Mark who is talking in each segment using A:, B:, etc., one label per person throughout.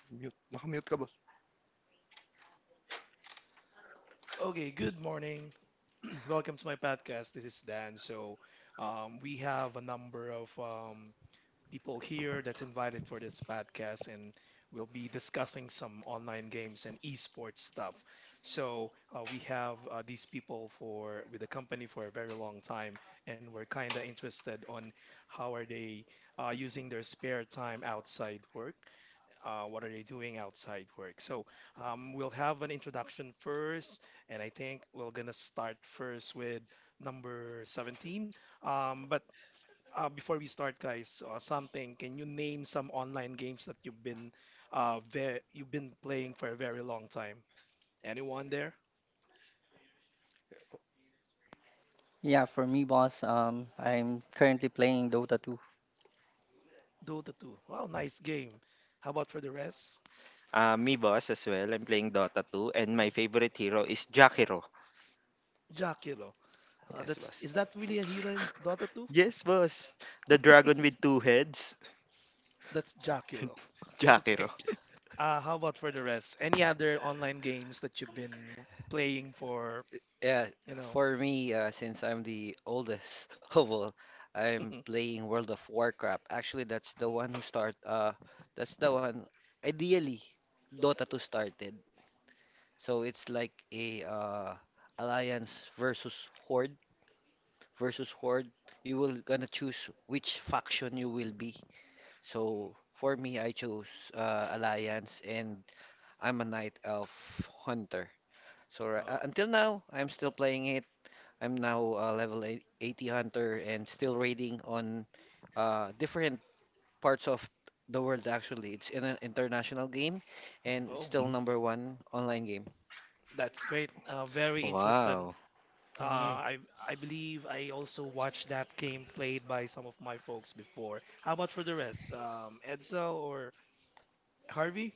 A: Mute. Naka-mute ka, boss.
B: Okay, good morning. Welcome to my podcast. This is Dan. So, we have a number of people here that's invited for this podcast, and we'll be discussing some online games and esports stuff. So, we have these people for with the company for a very long time, and we're kind of interested on how are they using their spare time outside work, what are they doing outside work. So we'll have an introduction first, and I think we're gonna start first with number 17. But before we start, guys, something. Can you name some online games that you've been playing for a very long time? Anyone there?
C: Yeah, for me, boss, I'm currently playing Dota 2.
B: Dota 2. Wow, nice game. How about for the rest?
D: Me, boss, as well. I'm playing Dota 2, and my favorite hero is Jakiro.
B: Jaculo.
D: Yes,
B: That's
D: boss.
B: Is that really a hero in Dota 2?
D: Yes, boss. The dragon with two heads,
B: That's Jaculo.
D: Jakiro.
B: Okay. How about for the rest? Any other online games that you've been playing for,
E: Yeah,
B: you know?
E: for me, since I'm the oldest of all, I'm playing World of Warcraft. Actually, that's the one who start. That's the one. Ideally, Dota 2 started. So it's like a alliance versus horde horde. You will gonna choose which faction you will be. So for me, I chose alliance, and I'm a knight elf hunter. So
B: Oh,
E: until now, I'm still playing it. I'm now a level 80 hunter and still raiding on different parts of the world actually. It's in an international game and it's
B: oh,
E: still
A: Mhm.
E: number one online game.
B: that's great. Very interesting.
D: Wow.
B: Uh,
A: Ah.
B: I I believe I also watched that game played by some of my folks before. How about for the rest? Edzo or Harvey?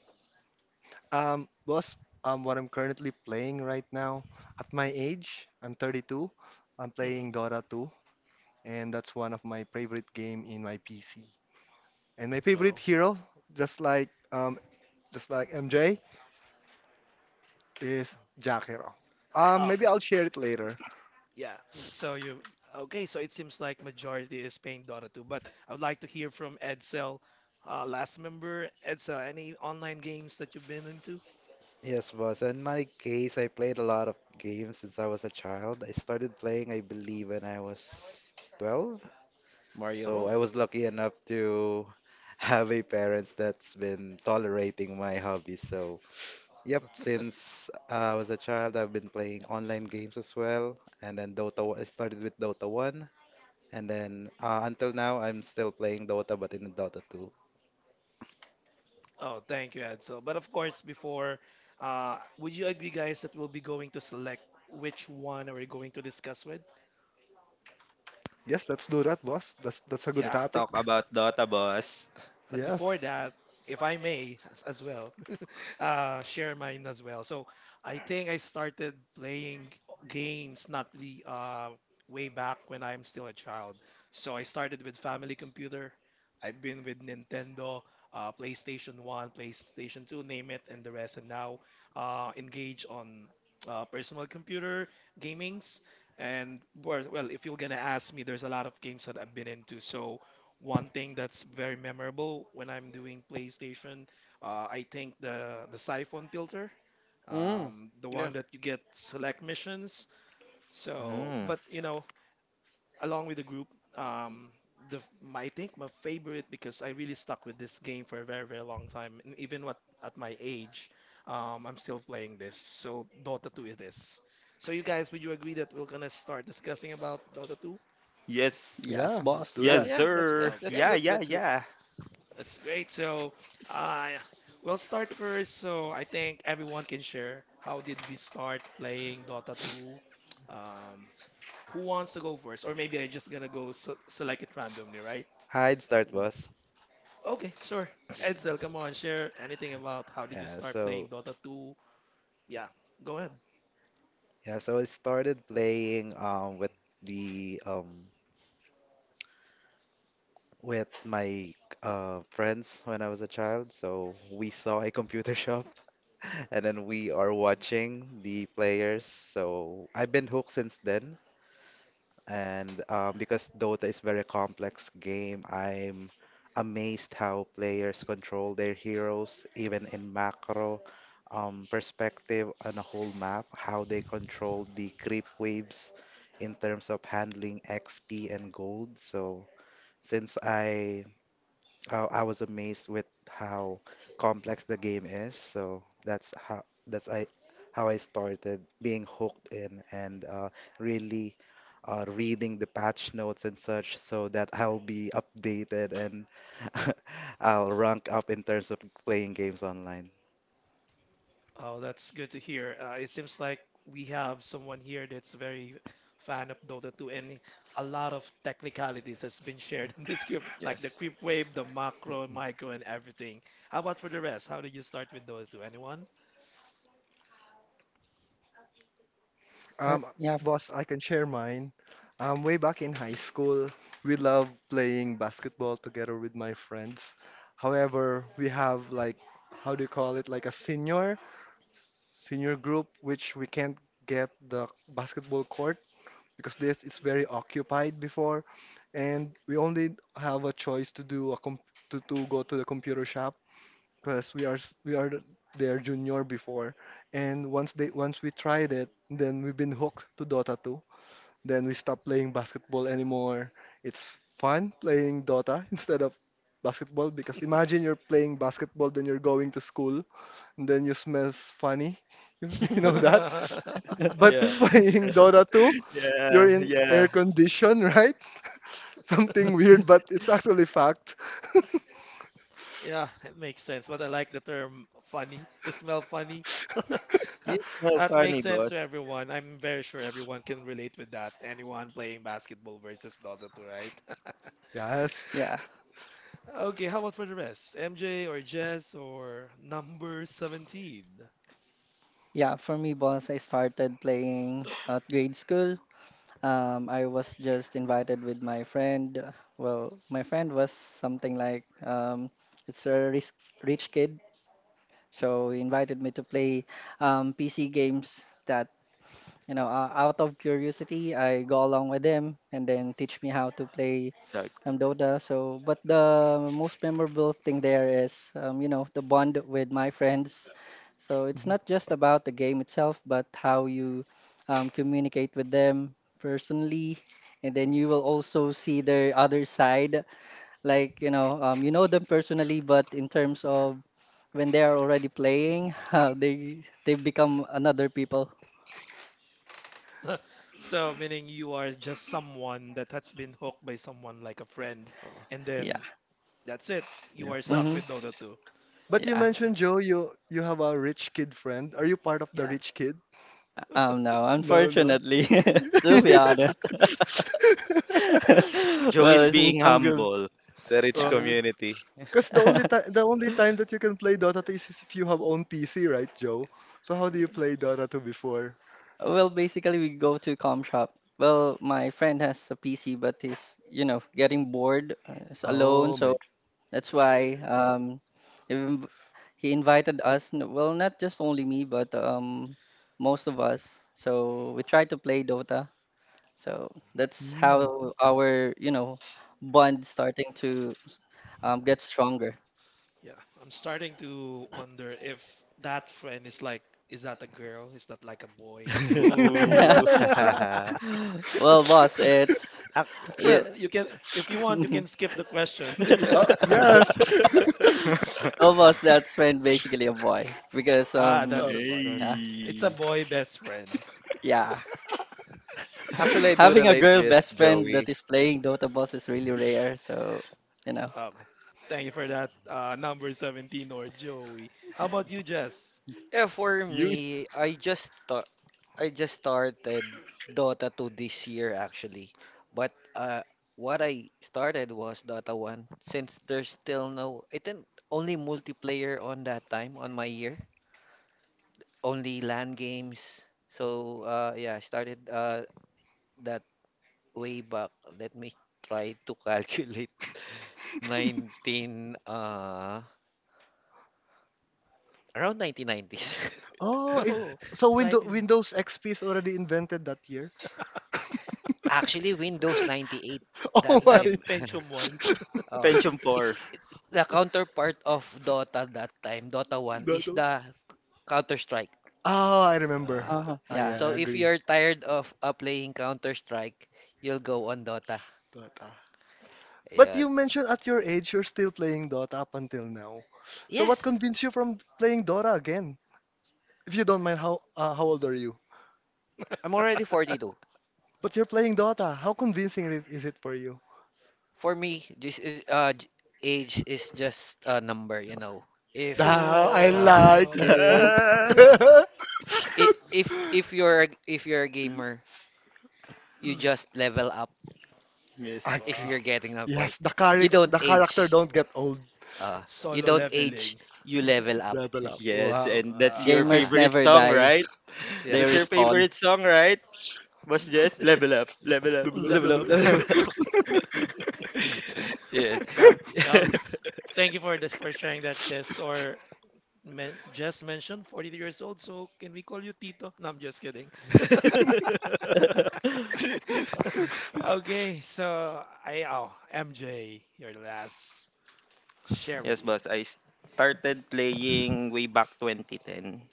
A: Boss, what I'm currently playing right now, at my age, I'm 32. I'm playing Dota 2, and that's one of my favorite game in my PC. And my favorite
B: Oh,
A: hero, just like um, just like MJ, is Jack Hero. Maybe
B: okay.
A: I'll share it later.
B: Yeah. So you okay, so it seems like majority is playing Dota 2, but I would like to hear from Edsel, last member. Edsel, any online games that you've been into?
F: Yes, boss. In my case, I played a lot of games since I was a child. I started playing, I believe, when I was 12.
E: Mario.
F: So I
B: Oh,
F: was lucky enough to have a parents that's been tolerating my hobby. So, yep, since I was a child, I've been playing online games as well. And then I started with Dota 1. And then until now, I'm still playing Dota, but in Dota 2.
B: oh, thank you, Edsel. But of course, before, would you agree, guys, that we'll be going to select which one are we going to discuss with?
A: Yes, let's do that, boss. That's a good
B: Yeah.
D: Let's
A: topic.
D: talk about Dota, boss.
B: But before
A: Yes.
B: that, if I may, as well, share mine as well. So I think I started playing games not really way back when I'm still a child. So I started with family computer. I've been with Nintendo, PlayStation 1, PlayStation 2, name it, and the rest. And now engage on personal computer gamings. And well, if you're gonna ask me, there's a lot of games that I've been into. So one thing that's very memorable when I'm doing PlayStation, I think the siphon filter,
E: Mm.
B: the
E: Yeah.
B: one that you get select missions. So,
D: Hmm.
B: but along with the group, um, I think my favorite because I really stuck with this game for a very very long time, and even what at my age, I'm still playing this. So Dota 2 is this. So you guys, would you agree that we're gonna start discussing about Dota 2?
D: Yes.
C: Yes,
A: Yeah, let's do
E: Yeah,
C: boss.
D: Yes,
A: that.
E: yeah, that's yeah,
D: sir.
E: that's
D: Yeah,
B: Okay.
E: good.
D: yeah,
E: That's good.
D: yeah.
B: That's great. So, uh, we'll start first. So, I think everyone can share how did we start playing Dota 2? Um, who wants to go first? Or maybe I'm just gonna go so select it randomly, right?
F: I'd start, boss.
B: Okay, sure. Edsel, come on, share anything about how did you
F: Yeah,
B: start playing
F: so
B: Dota 2? Yeah, go ahead.
F: Yeah, so I started playing with the with my friends when I was a child. So we saw a computer shop, and then we are watching the players. So I've been hooked since then. And because Dota is very complex game, I'm amazed how players control their heroes, even in macro perspective on a whole map, how they control the creep waves in terms of handling XP and gold. So since I was amazed with how complex the game is. So that's how that's I how I started being hooked in and really reading the patch notes and such so that I'll be updated and I'll rank up in terms of playing games online.
B: Oh, that's good to hear. It seems like we have someone here that's very fan of Dota 2, and a lot of technicalities has been shared in this group, like the
D: Yes.
B: creep wave, the macro, micro, and everything. How about for the rest? How did you start with Dota 2? Anyone?
A: Um,
C: Yeah,
A: Boss, I can share mine. Way back in high school, we loved playing basketball together with my friends. However, we have like, how do you call it? Like a senior group, which we can't get the basketball court because this is very occupied before, and we only have a choice to do to go to the computer shop because we are s- we are th- their junior before, and once we tried it, then we've been hooked to Dota, then we stopped playing basketball anymore. It's fun playing Dota instead of basketball because imagine you're playing basketball, then you're going to school, and then you smell funny. You know that? But
E: Yeah.
A: playing Dota 2, you're
D: Yeah,
A: in
D: yeah.
A: air condition, right? Something weird, but it's actually fact.
B: Yeah, it makes sense. But I like the term funny. You smell funny.
D: You know,
B: That makes
D: funny,
B: sense
D: boss.
B: to everyone. I'm very sure everyone can relate with that. Anyone playing basketball versus Dota 2, right?
A: Yes.
C: yeah,
B: Okay, how about for the rest? MJ or Jess or number 17?
C: yeah. For me, boss, I started playing at grade school. I was just invited with my friend. Well, my friend was something like it's a rich kid, so he invited me to play PC games. That Out of curiosity, I go along with him, and then teach me how to play
D: Like,
C: I'm Doda. So, but the most memorable thing there is, the bond with my friends. So it's
A: Mhm.
C: not just about the game itself, but how you communicate with them personally, and then you will also see their other side. Like, you know them personally, but in terms of when they are already playing, how they become another people.
B: So, meaning you are just someone that has been hooked by someone like a friend,
A: Oh,
B: and
C: Yeah.
B: then that's it. You
A: yeah.
B: are
A: But
B: stuck
C: Hmm.
B: with Dota 2.
A: but you
C: Yeah.
B: Wow.
A: mentioned Joe, you have a rich kid friend. Are you part of the
B: Yeah,
A: rich kid?
C: No,
A: No, no.
C: unfortunately, to be honest.
D: Joe
C: Well,
D: is
C: it's in
D: being
C: some groups,
D: humble.
F: The rich
C: yeah.
A: Well,
B: yeah,
F: community.
A: because the only time the only time that you can play Dota 2 is if you have own PC, right, Joe? So how do you play Dota 2 before?
C: Well, basically, we go to com shop. Well, my friend has a PC, but he's getting bored. He's alone,
A: Oh,
C: so
A: makes.
C: that's why he inv- he invited us. Well, not just only me, but most of us. So we try to play Dota. So that's
A: Mm.
C: how our bond starting to get stronger.
B: yeah. I'm starting to wonder if that friend is like, is that a girl? Is that like a boy?
F: Ooh.
C: Well, boss, it's yeah.
B: Well, you can, if you want, you can skip the question.
A: oh yes.
C: Almost that friend basically a boy because
B: Ah, that's
A: oh,
B: a boy.
A: okay.
C: yeah,
B: It's a
D: Hey.
B: boy best friend.
C: yeah.
F: Actually, I do
C: Having a
F: relate
C: girl
F: with
C: best friend
F: Joey.
C: that is playing Dota, boss, is really rare, so you know
B: Um, Thank you for that, number 17 or Joey. How about you, Jess?
E: Yeah, for
D: You
E: me, I just started Dota 2 this year actually. But what I started was Dota 1 since there's still no, I think, only multiplayer on that time on my year. Only LAN games. So yeah, I started that way back. Let me try to calculate 19 uh around 1990s.
A: Oh, it,
B: Oh,
A: so Windows
B: 19.
A: Windows XP is already invented that year.
E: Actually Windows 98
A: Oh
E: that
B: Is
A: my.
B: that
E: time.
B: Pentium 1?
E: Oh,
D: pension
E: it's
D: poor.
E: the counterpart of Dota that time. Dota 1 is
A: Dota.
E: the Counter-Strike.
A: Oh, I remember.
B: Uh,
E: Ah.
C: oh,
A: Ah,
C: yeah.
A: yeah, I
E: So if
A: agree.
E: you're tired of playing Counter-Strike, you'll go on Dota.
A: Dota. But
E: Ayan.
A: you mentioned at your age you're still playing Dota up until now. So what
E: Yes,
A: convinced you from playing Dota again? If you don't mind, how old are you?
E: I'm already 42.
A: But you're playing Dota. How convincing is it for you?
E: For me, this is, age is just a number, you know. If
A: Now I
E: uh,
B: oh,
A: like it.
D: Ah.
E: if you're a gamer, you just level up
D: Yes.
E: if
A: Agree.
E: you're
B: wow.
E: getting a point.
A: Yes, the
E: You
A: character
E: don't
A: the character
E: age.
A: don't get old.
E: Uh, you
B: Solo
E: don't age,
B: leveling.
E: you level up.
A: Level up.
D: Yes,
A: Wow.
D: and that's your
B: Ah,
C: Gamers
E: Ah,
D: favorite
C: never
D: song,
C: die.
D: right?
C: They
E: yeah.
D: That's your
C: respawn.
D: favorite song, right? Boss Jess, level up, level up,
A: Level up,
D: level
E: Level
B: level
A: level
E: up,
B: up.
A: up,
E: level
A: level
D: up.
A: up.
E: up. Yeah.
B: Nah, well, thank you for sharing that, Jess. Or men, Jess mentioned 42 years old, so can we call you Tito? No, I'm just kidding. Okay. so I Oh, MJ, your last share with
D: Yes,
B: you.
D: boss. I started playing way back 2010.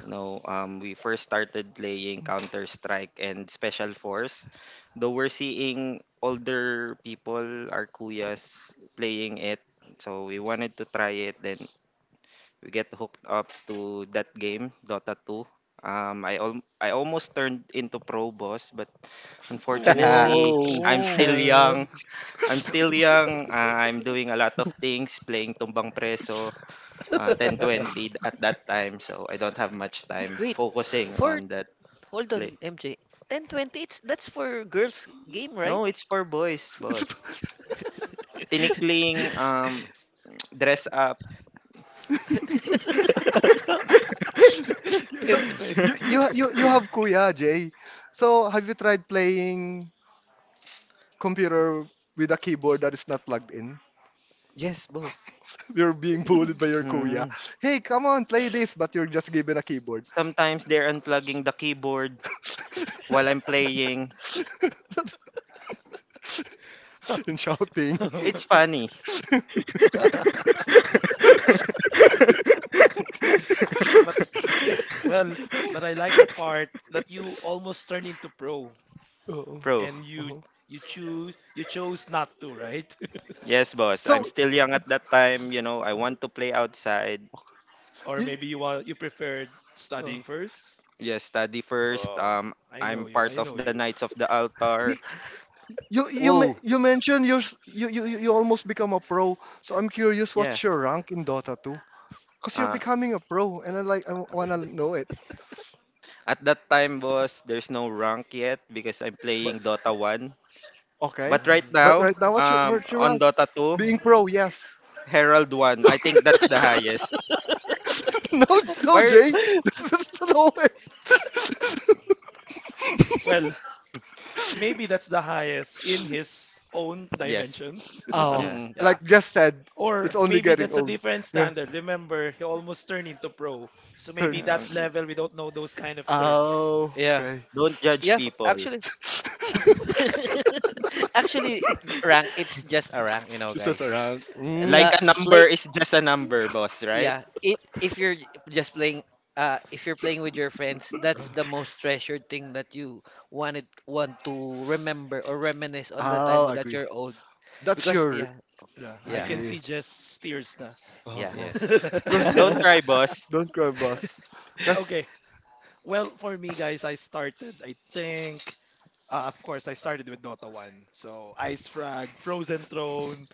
D: We first started playing Counter Strike and Special Force. Though we're seeing older people, our kuyas, playing it, so we wanted to try it. Then we get hooked up to that game, Dota 2. I almost turned into pro boss, but
B: Ooh.
D: unfortunately,
E: Whoa.
D: I'm still
B: Oh.
C: Uh,
D: young. I'm still young. I'm doing a lot of things, playing tumbang preso, 10-20 at that time. So I don't have much time
E: Wait.
D: focusing
E: For
D: on that
E: hold
D: play.
E: on, MJ. 1020, it's that's for girls game, right?
D: No, it's for boys,
A: It's
D: boss. Tinikling, dress up.
A: Yeah, so
B: 10
A: you
B: 20.
A: you you you have Kuya Jay. So have you tried playing computer with a keyboard that is not plugged in?
D: Yes, boss.
A: You're being bullied by your Kuya.
D: Mm.
A: Hey, come on, play this, but you're just given a keyboard
D: Sometimes they're unplugging the keyboard while I'm playing.
A: and shouting.
D: It's funny.
B: but Well, but I like the part that you almost turned into pro
A: Oo.
D: Pro.
B: and you
A: Oo.
B: you choose you chose not to, right?
D: Yes, boss. I'm
A: So
D: still young at that time. You know, I want to play outside.
B: Or
A: you
B: maybe you preferred
A: oh.
B: studying first.
D: Yes, study first.
B: I know
D: I'm
B: you.
D: part
B: I
D: of
B: know
D: the
B: you.
D: Knights of the Altar.
A: Y- you you me-
E: Whoa.
A: you mentioned you're, s- you almost become a pro. So I'm curious,
D: Yeah.
A: what's your rank in Dota? Cause you're
D: Uh,
A: becoming a pro, and I wanna know it.
D: at that time, boss, there's no rank yet because I'm
A: But
D: playing Dota 1.
A: okay,
D: But right
B: Mm.
A: but
D: now,
A: right now, what's your
D: on
A: rank?
D: Dota 2,
A: Being pro, yes.
D: Herald one. I think that's the highest.
A: No, no,
D: Where?
A: Jay, this is the lowest.
B: Well, maybe that's the highest in his own
D: Yes.
B: dimension.
D: Mm.
A: Oh,
D: Yeah.
E: Mm-mm.
B: Yeah.
A: like just said, it's
B: Or
A: only
B: maybe
A: getting
B: that's a
A: old.
B: different
A: Yeah,
B: standard. Remember, he almost turned into pro. So maybe
A: turn.
D: Yeah.
B: that level we don't know those kind of terms.
A: Oh,
E: Yeah.
A: okay.
D: Don't judge
E: Yeah,
D: people.
E: actually. Actually, rank, it's just a rank, you know,
A: This is
E: guys.
A: around. Mm.
D: Like a
E: The play
D: number is just a number, boss, right?
E: yeah it If you're just playing if you're playing with your friends.
A: Uh,
E: That's the most treasured thing that you want to remember or reminisce on the time
A: I'll
E: that
A: agree.
E: you're old.
A: That's
E: Because
A: your
E: yeah,
B: Yeah, I
E: yeah,
B: can
D: Yeah.
B: see
A: agree.
B: Jess tears na.
A: Uh
E: yeah.
A: oh.
D: Yes.
A: Cause
D: Don't cry, boss.
A: don't cry, boss. Cause
B: Okay. Well, for me, guys, I think, of course I started with Dota 1. So Ice Frag, Frozen Throne,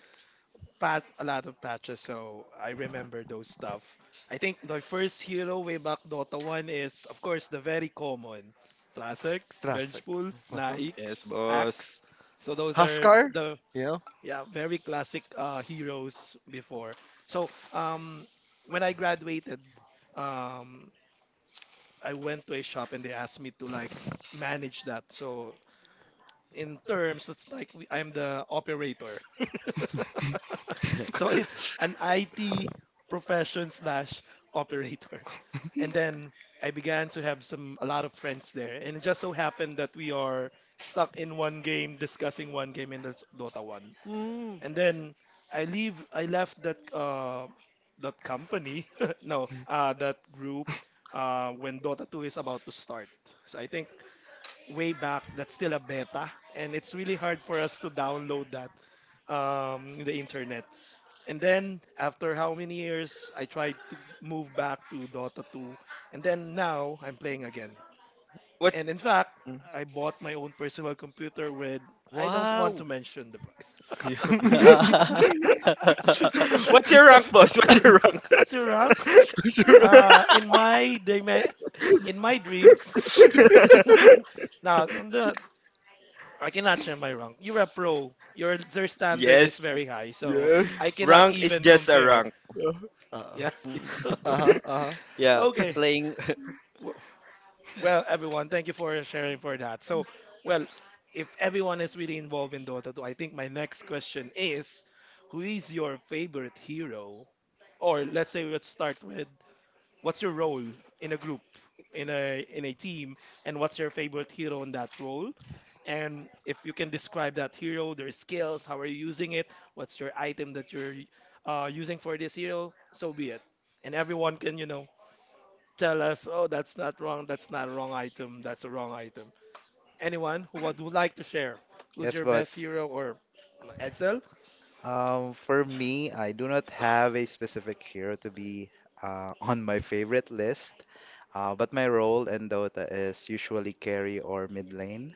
B: pat a lot of patches, so I remember those stuff. I think my first hero way back Dota 1 is, of course, the very common Trasex,
A: traffic.
B: Vengeful,
A: Uh-huh.
D: Yes,
B: Naix,
D: boss.
B: Axe. So those are
A: Huskar,
B: the,
A: you know.
B: yeah, very classic heroes before. So when I graduated, um, I went to a shop and they asked me to like manage that. So in terms, it's like I'm the operator. So it's an IT profession slash operator. And then I began to have some a lot of friends there. And it just so happened that we are stuck in one game, discussing one game, and that's Dota 1.
E: Mm,
B: And then I left that company. No, that group when Dota 2 is about to start. So I think way back that's still a beta and it's really hard for us to download that in the internet, and then after how many years, I tried to move back to Dota 2. And then now I'm playing again.
D: What?
B: And in fact,
D: Mm.
B: I bought my own personal computer with, I don't want to
E: wow.
B: mention the price.
D: yeah. What's your rank, boss? What's your rank?
B: What's your rank? Uh, in my dime- in my dreams, now on the I cannot share my rank. You're a pro. Your their standard is
D: Yes.
B: very high, so
A: yes.
B: I cannot
D: Rank is
B: even
D: just a
B: compare.
D: rank.
A: Uh, uh,
B: Yeah.
E: Mm,
B: So,
A: Uh-huh, uh-huh.
E: yeah,
B: okay.
E: playing.
B: Wh- Well, everyone, thank you for sharing for that. So, well, if everyone is really involved in Dota 2, I think my next question is who is your favorite hero? Or let's start with what's your role in a group, in a team, and what's your favorite hero in that role? And if you can describe that hero, their skills, how are you using it, what's your item that you're using for this hero, so be it. And everyone can tell us, oh, that's not wrong, that's not a wrong item, that's a wrong item. Anyone who would like to share? Who's
F: Yes,
B: your best
F: boss.
B: hero or Edsel?
F: For me, I do not have a specific hero to be on my favorite list, but my role in Dota is usually carry or mid lane.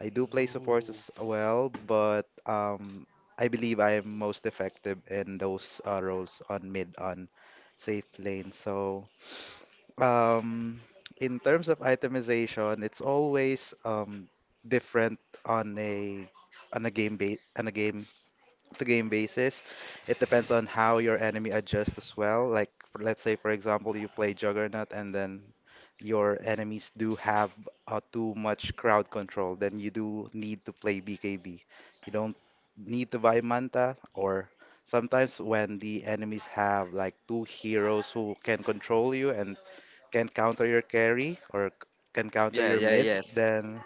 F: I do play support
B: No.
F: as well, but I believe I am most effective in those roles on mid on safe lane. So, um, in terms of itemization, it's always different on a on a game to game basis. It depends on how your enemy adjusts as well. Like, let's say, for example, you play Juggernaut and then your enemies do have too much crowd control, then you do need to play BKB. You don't need to buy Manta, or sometimes when the enemies have like two heroes who can control you and can counter your carry or can counter
D: Yeah,
F: your
D: yeah,
F: mid,
D: yes.
F: then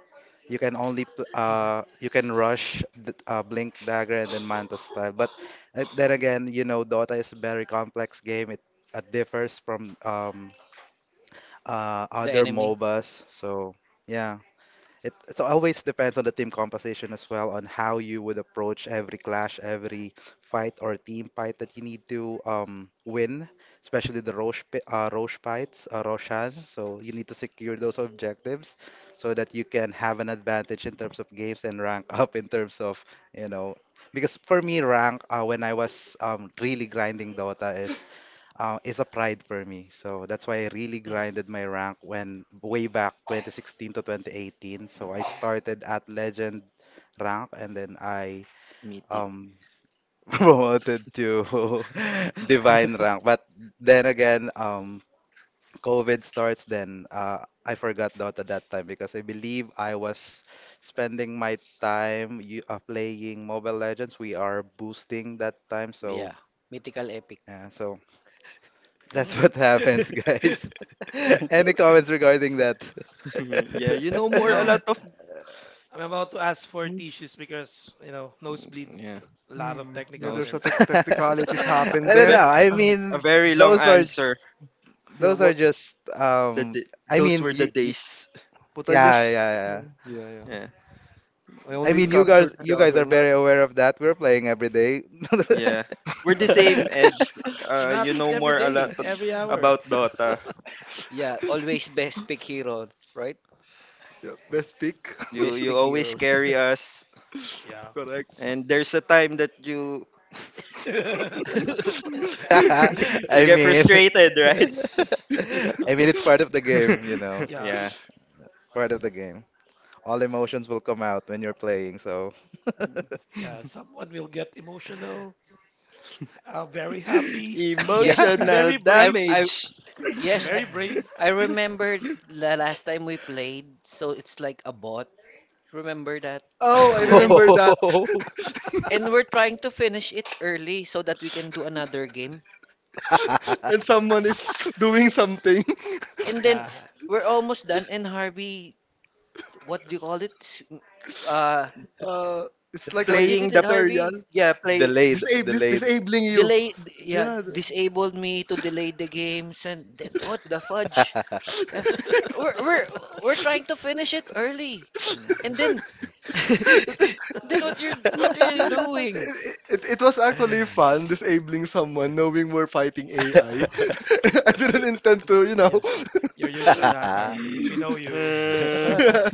F: you can rush the Blink Dagger and then Manta style. But then again, Dota is a very complex game. It differs from
E: The
F: other
E: enemy,
F: MOBAs. So yeah. It always depends on the team composition as well, on how you would approach every clash, every fight or team fight that you need to win, especially the Roche fights, Roshan. So you need to secure those objectives so that you can have an advantage in terms of games and rank up in terms of, you know, because for me, rank when I was really grinding Dota is a pride for me. So that's why I really
B: Mm,
F: grinded my rank when way back 2016 to 2018. So I started at legend rank and then I
D: Mythic.
F: um promoted to divine rank. But then again, COVID starts then I forgot Dota that time because I believe I was spending my time you playing Mobile Legends. We are boosting that time, so
E: yeah. Mythical epic.
F: yeah, so
D: Yeah,
F: that's
B: mm.
F: what happens, guys. Any comments regarding that?
D: yeah, you know more a
B: No,
D: lot of
B: I'm about to ask for tissues because nosebleed,
D: yeah.
B: a lot of
A: Hmm. Yeah,
D: No,
B: technical
A: there's a
B: terms there.
A: technicalities happened
F: No,
D: a,
F: no,
A: there.
D: ve-
F: no. I
D: a
F: mean,
D: very long
F: those are
D: answer.
A: Yeah,
F: those are
A: what
F: just
D: the d-
F: I
D: those were
F: mean,
D: the
F: you,
D: days.
A: what I
F: yeah, yeah,
A: just, yeah,
F: yeah.
A: yeah, yeah.
D: Yeah.
A: I
F: I
A: only
F: mean, you
D: Mm.
F: guys
A: captured
F: you guys are
A: Juggernaut.
F: very aware of that. We're playing every day.
D: Yeah. We're the same, Eds.
B: Not
D: You know
B: every
D: more a lot
B: day, every hour.
D: about Dota.
E: Yeah, always best pick hero, right?
A: Yeah, best pick.
D: You
E: Best
D: you
E: pick
D: always
E: heroes.
D: carry us,
B: Yeah.
A: Correct.
D: and there's a time that you you
F: I
D: get
F: mean,
D: frustrated, right?
F: I mean, it's part of the game.
B: Yeah.
D: Yeah.
F: Part of the game. All emotions will come out when you're playing, so
B: Yeah, someone will get emotional, very happy,
F: Yeah.
E: Yes,
D: Emotional
B: very
E: I
B: brave.
E: I
D: damage.
E: yes, I
B: Very brave.
E: I remembered the last time we played, so it's like a bot. Remember that?
A: Oh, I
D: Yeah.
E: And
A: remember that.
E: and we're trying to finish it early so that we can do another game.
A: And someone is doing something.
E: And then
B: Yeah.
E: we're almost done and Harvey, what do you call it? Uh,
A: Uh, it's like an
E: what you
D: Playing
E: did, it,
D: the
A: ethereal.
E: Harvey?
D: yeah play.
F: Delayed,
A: Disable,
F: delayed.
A: disabling you.
E: Delay, yeah,
A: Yeah.
E: disabled me to delay the games, and then what the fudge? Yeah, we're we're we're trying to finish it early, and then then what are you doing?
A: It was actually fun disabling someone knowing we're fighting AI. I I didn't intend to.
B: Yeah. You're used to that, RB. We know you.
A: Yeah.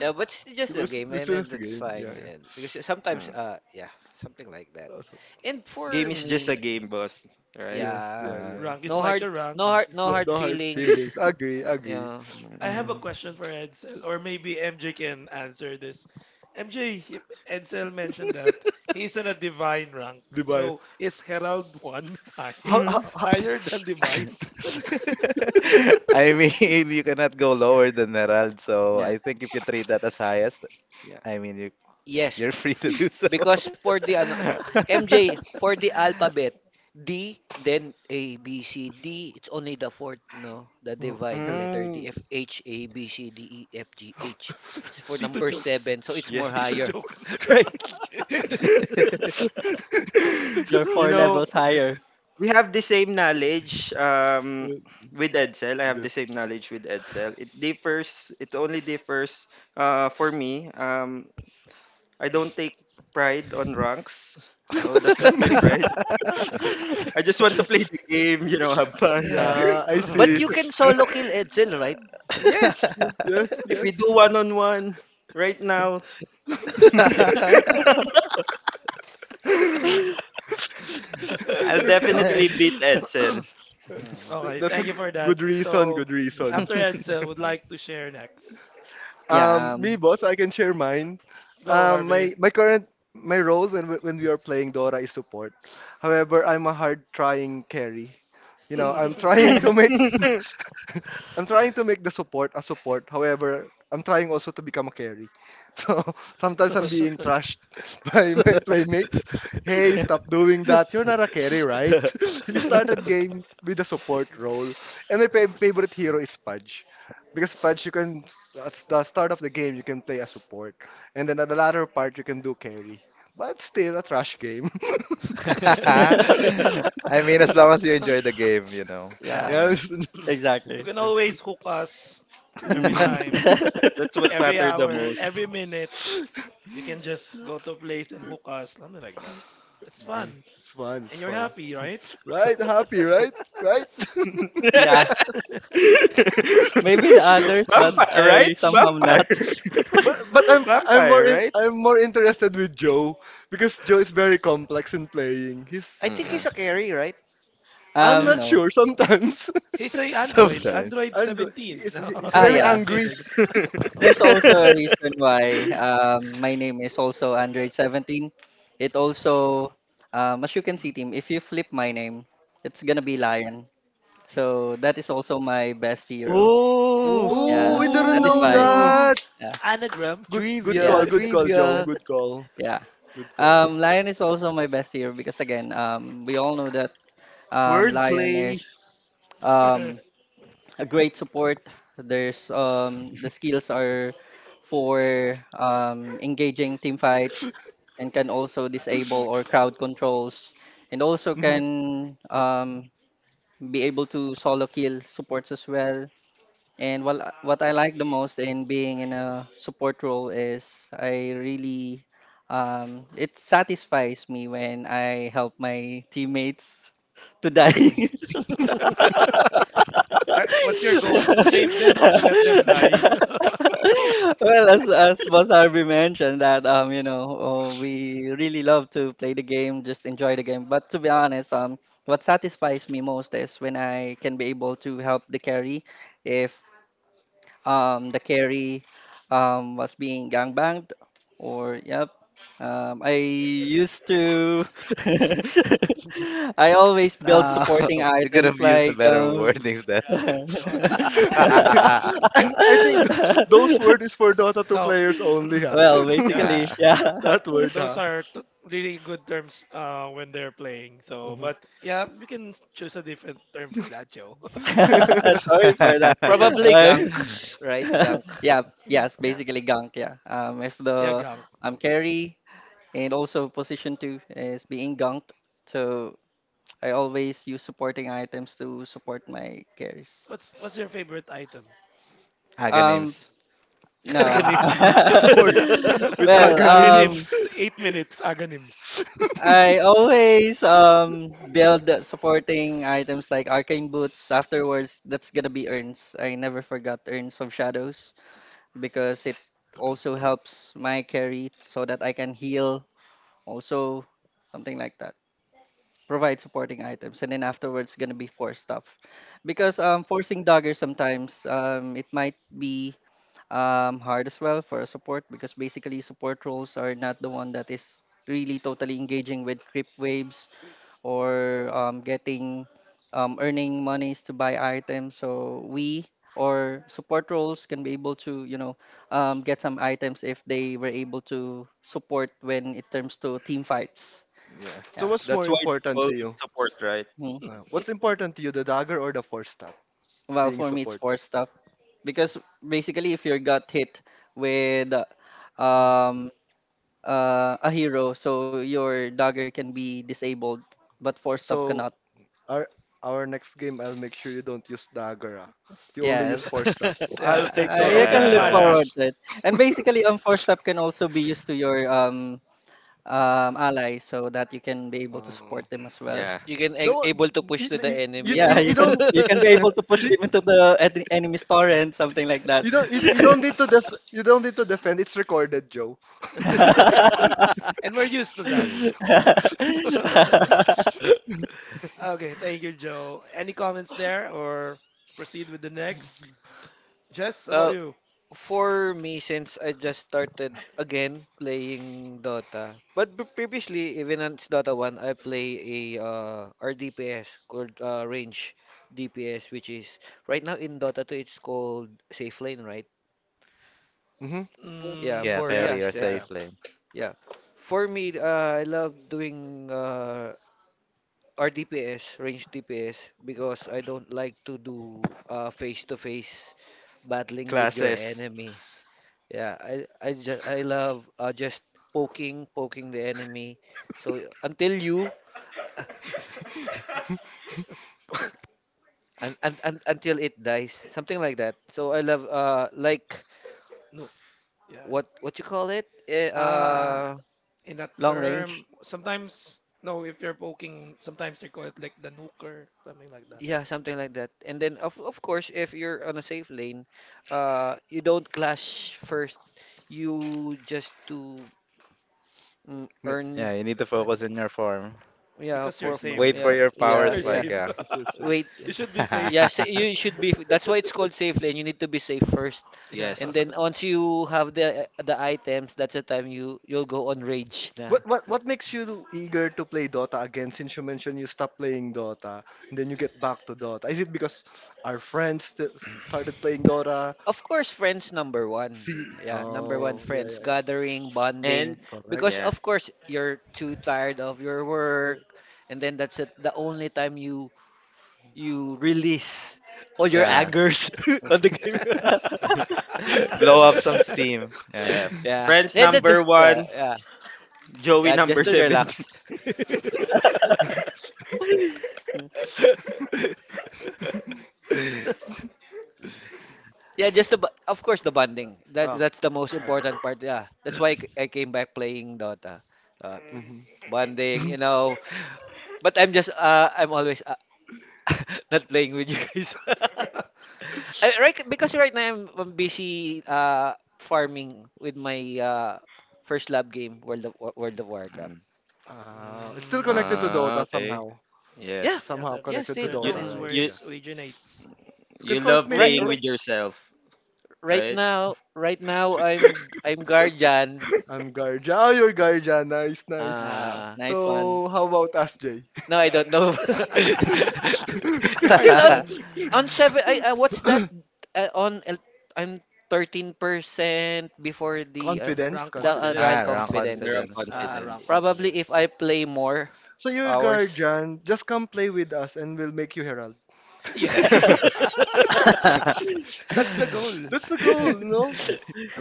E: Yeah, but it's just
A: It
E: a
A: was
E: game,
A: it's
E: and then
A: just a
E: that's
A: game. Yeah,
E: fine.
A: yeah.
E: And because sometimes,
D: Uh,
E: yeah, something like that.
A: Also,
E: And
D: Game
E: for
D: is just a
E: me,
D: game, boss. Right?
A: yes,
E: yeah,
A: yeah,
F: Uh.
A: yeah.
B: Rank is
E: no
B: like
E: hard,
B: a rank.
E: no hard,
A: It's
E: no
A: not,
E: hard
A: no hard feelings.
E: feelings.
A: Agree, agree.
E: Yeah,
B: I
A: Yeah.
B: have a
E: mm,
B: question for Edsel, or maybe MJ can answer this. MJ, Edsel mentioned that he's in a divine rank.
A: Diba?
B: So is Herald 1
A: How,
B: higher
A: how,
D: Mm-hmm.
A: how,
B: higher than divine?
F: I mean, you cannot go lower than Herald, so
D: Yeah.
F: I think if you trade that as highest,
D: Yeah.
F: I mean, you,
E: yes.
F: you're free to do so.
E: Because for the ano, MJ, for the alphabet, D, then A, B, C, D, it's only the fourth, no? The
A: oh,
E: divine
A: hell.
E: letter D,
D: Mm,
E: F, H, A, B, C, D, E, F, G, H. It's for
B: Tito
E: number
B: jokes.
E: seven, so it's more
D: yes.
B: Tito
E: higher.
B: jokes.
C: you're
D: you
C: four
D: know,
C: levels higher.
D: we have the same knowledge with Edsel. I have the
A: That's-
D: same knowledge with Edsel. It differs. It only differs for me. I don't take pride on ranks, so that's not my pride. I just want to play the game. You know, have fun.
E: Uh,
A: yeah, I
E: but
A: see.
E: you can solo kill Edsel, right?
D: Yes.
A: Yes, yes,
D: If we
A: yes.
D: do one on one right now, I'll
F: I
D: definitely
B: Okay.
D: beat Edsel.
E: Mm.
A: Th-
B: Okay,
A: That's a
B: thank you for that.
A: good reason,
B: So
A: good reason.
B: after Edsel, would like to share next.
C: Yeah,
A: Me, boss, I can share mine.
B: Go,
A: Um, my
B: Harvey.
A: my current my role when we are playing Dora is support. However, I'm a hard trying carry. You know, I'm trying to make I'm trying to make the support a support. However, I'm trying also to become a carry. So sometimes I'm being trashed by my playmates. Hey, stop doing that. You're not a carry, right? You started game with a support role. And my favorite hero is Pudge. Because Pudge, you can, at the start of the game, you can play a support. And then at the latter part, you can do carry. But still, a trash game.
F: mean, as long as you enjoy the game.
B: Yeah.
C: yeah,
A: Yeah.
D: Yeah.
B: You
C: exactly.
B: can always hook us
A: Mm,
B: every
C: Hmm.
B: time,
D: That's what
B: every
D: mattered the
B: hour,
D: most.
B: every minute. You can just go to a place and hook us, something like that. It's fun.
A: it's fun, it's
B: And you're
A: fun.
B: happy, right?
A: Right? Happy, right? Right?
C: Yeah, maybe the others, but
B: W-
D: Vampire, right?
C: I somehow
D: Vampire.
C: not.
A: But I'm I'm more
D: Vampire,
A: in,
D: right?
A: I'm more interested with Joe because Joe is very complex in playing. He's
E: I think
B: yeah.
D: Mm,
E: he's a carry, right?
A: I'm
D: yeah.
A: not
C: No.
A: sure sometimes.
B: Hey, say Android.
F: Sometimes.
B: Android
A: Android.
B: 17.
A: It's,
B: No,
A: it's
C: Ah,
A: very
B: I'm
C: yeah.
B: just
A: angry.
B: kidding.
C: There's also a reason why my name is also Android 17. It also, as you can see, team, if you flip my name, it's gonna be Lion. So that is also my best hero.
D: Oh,
A: Oh,
C: Yeah,
A: we didn't
C: that is
A: know
C: why.
D: oh,
E: Ooh,
B: Ooh.
A: that.
C: Yeah,
B: Anagram.
A: Good call,
C: yeah,
E: trivia,
A: good call, Joe.
E: trivia.
A: Good call.
C: yeah.
A: Good call.
C: Lion is also my best year because again, we all know that Lion
D: wordplay.
C: is um, a great support. There's the skills are for engaging team fights, and can also disable or crowd controls, and also
A: Mhm.
C: can be able to solo kill supports as well, and well, what I like the most in being in a support role is I really it satisfies me when I help my teammates to die.
A: Mm.
B: What's your goal? To save them or to let them die?
C: Well, as Boss Harvey mentioned that we really love to play the game, just enjoy the game. But to be honest, what satisfies me most is when I can be able to help the carry. If the carry was being gangbanged, or yep, I used to. I always build
F: Uh,
C: supporting
F: you could have
C: items
F: used the
C: like
F: better wordings then.
A: I think those word is for Dota 2
B: No,
A: players only, huh?
C: Well,
B: yeah,
C: basically,
F: Yeah.
C: yeah.
A: that word,
B: those
A: huh?
B: are really good terms, when they're playing. So,
A: Mhm.
B: but yeah, we can choose a different term for that, Joe.
C: Sorry for that.
E: Probably
C: Uh,
E: gank, right? Gunk.
C: yeah, yes,
D: Yeah.
C: basically gunk, yeah. If
B: Yeah,
C: the
B: gank. Yeah.
C: carry and also position two is being gunked, so I always use supporting items to support my carries.
B: What's your favorite item?
C: Um,
F: Agonyms.
C: no.
E: Ganews.
A: Ah, support with
C: Well,
A: agonyms.
B: Agonyms, 8 minutes, agonyms.
C: I always build the supporting items like arcane boots. Afterwards, that's gonna be urns. I never forgot urns of shadows, because it also helps my carry so that I can heal. Also, something like that. Provide supporting items, and then afterwards gonna be force stuff, because forcing dagger sometimes it might be hard as well for a support, because basically support roles are not the one that is really totally engaging with creep waves, or getting earning monies to buy items, so we or support roles can be able to get some items if they were able to support when it comes to team fights.
D: Yeah.
A: So
C: Yeah.
A: what's more
D: That's why they
A: important to
D: call
A: you?
D: support, right?
C: Hmm.
A: What's important to you, the dagger or the four staff?
C: Well,
A: Being
C: for me, it's
A: support.
C: four stop, because basically, if you got hit with
A: Mm.
C: um, a hero, so your dagger can be disabled, but four stop
A: So
C: cannot.
A: our our next game, I'll make sure you don't use dagger. Ah. You only use four
C: Yes,
A: staff.
B: So, yeah,
A: I'll take note of
B: we're
C: you can
B: gonna
A: that,
C: look
B: ban
A: Joe.
D: Yeah,
B: you,
C: forward to it. And basically, four stop can also be used to your ally, so that you can be able to
A: Uh,
C: support them as well.
D: yeah.
E: You can
A: the one,
E: able to push
A: you,
E: to the
A: you, you,
E: enemy,
C: Yeah,
A: you
E: no?
C: you
A: you
C: can
A: don't,
C: you can be
A: yeah,
C: able to push
A: you,
C: them into the enemy's torrent, something like that.
A: you don't, you don't need to you don't need to defend. It's recorded, Joe.
B: and we're used to that. Okay, thank you, Joe. Any comments there, or proceed with the next? Jess, about
E: uh,
B: you?
E: for me, since I just started again playing Dota, but previously, even on Dota 1, I play a RDPS, called Range DPS, which is right now in Dota 2, it's called Safe Lane, right?
A: mm-hmm.
E: Yeah,
F: Yeah,
B: Mm, yeah,
F: carry or
B: yeah,
E: safe.
B: yeah.
F: safe lane.
E: Yeah. For me, I love doing RDPS, range DPS, because I don't like to do face-to-face battling with your
D: Classes.
E: enemy. Yeah, I love just poking the enemy. So until you and until it dies, something like that. So I love like
B: No, yeah.
E: what you call it?
B: Uh, in that
C: Long range.
B: term, sometimes, no, if you're poking, sometimes they call it like the nuker, something like that.
E: Yeah, something like that. And then of course, if you're on a safe lane, you don't clash first. You just
A: Make,
F: Yeah,
E: earn.
F: you need to
B: I don't,
F: focus on your form.
E: Yeah,
B: because you're
A: make
B: safe.
F: Wait
A: money.
F: for
E: yeah,
F: your power
E: yeah,
B: You're
E: yeah.
F: spike,
B: safe.
F: yeah.
A: This will save.
E: Wait,
B: You should be safe.
E: yeah, sa you should be, that's why it's called safe lane. You need to be safe first.
B: Yeah.
E: And
D: Yes.
E: then once you have the items, that's the time you'll go on rage na.
A: What makes you eager to play Dota again since you mentioned you stopped playing Dota and then you get back to Dota? Is it because our friends st started playing Dota?
E: Of course, friends number one.
A: See,
E: Yeah, number one,
A: oh yeah
E: friends
A: yeah yeah,
E: gathering, bonding.
D: And
E: Because
A: correct.
D: yeah.
E: of course you're too tired of your
A: Go.
E: work, and then that's it, the only time you release all
A: Just
E: your
A: try.
F: Yeah.
E: angers on the game.
F: Blow
D: Yeah.
F: up some steam. Yeah.
D: Yeah.
E: Yeah,
D: Friends
E: yeah,
A: Yeah.
E: that
D: number
E: just
D: one,
E: yeah,
D: Joey
E: yeah, just
D: number
A: Agree,
E: to
A: agree.
D: 17.
E: relax. Yeah, just of course the bonding. That
A: Ah,
E: that's the most
A: agree.
E: important part. Yeah, that's why I came back playing Dota. Uh,
A: Mhm.
E: bonding, you know. But I'm always not playing with you guys. Right, because right now I'm busy farming with my first lab game, World of Warcraft.
D: Mm.
A: It's still connected to
B: Mm,
D: Ah,
A: Dota
D: okay.
A: somehow.
E: Yeah,
D: Yes.
B: yeah,
A: Somehow
E: yeah,
B: that's
A: connected to
B: there.
E: still.
D: You
B: That
A: Dota,
B: is
A: right?
B: where
D: you
A: Yeah. You
B: it originates.
A: can
D: you
A: call it
D: love
E: Right,
A: maybe
D: playing
A: like
D: with yourself,
E: right
D: right?
E: now, I'm guardian.
A: I'm Garja. Oh, you're Garja. Nice,
C: Wow,
A: nice.
E: Uh,
C: nice one.
A: So how about us, Jay?
E: no, I don't know. It's still on
B: Guardian,
E: on seven. I what's that? On I'm 13% before the uh,
A: Confidence,
B: rank
E: the uh,
A: confidence,
F: Ah,
E: rank
B: confidence.
A: wrong
F: wrong
E: confidence.
D: Wrong
A: confidence.
F: confidence.
A: Ah,
B: Ah,
A: I
B: rank
A: see.
D: confidence.
E: Probably if
B: confidence.
E: I play more
A: So your
E: hours.
A: guardian, just come play with us and we'll make you herald. That's
B: Yes. That's the goal.
A: the goal, no?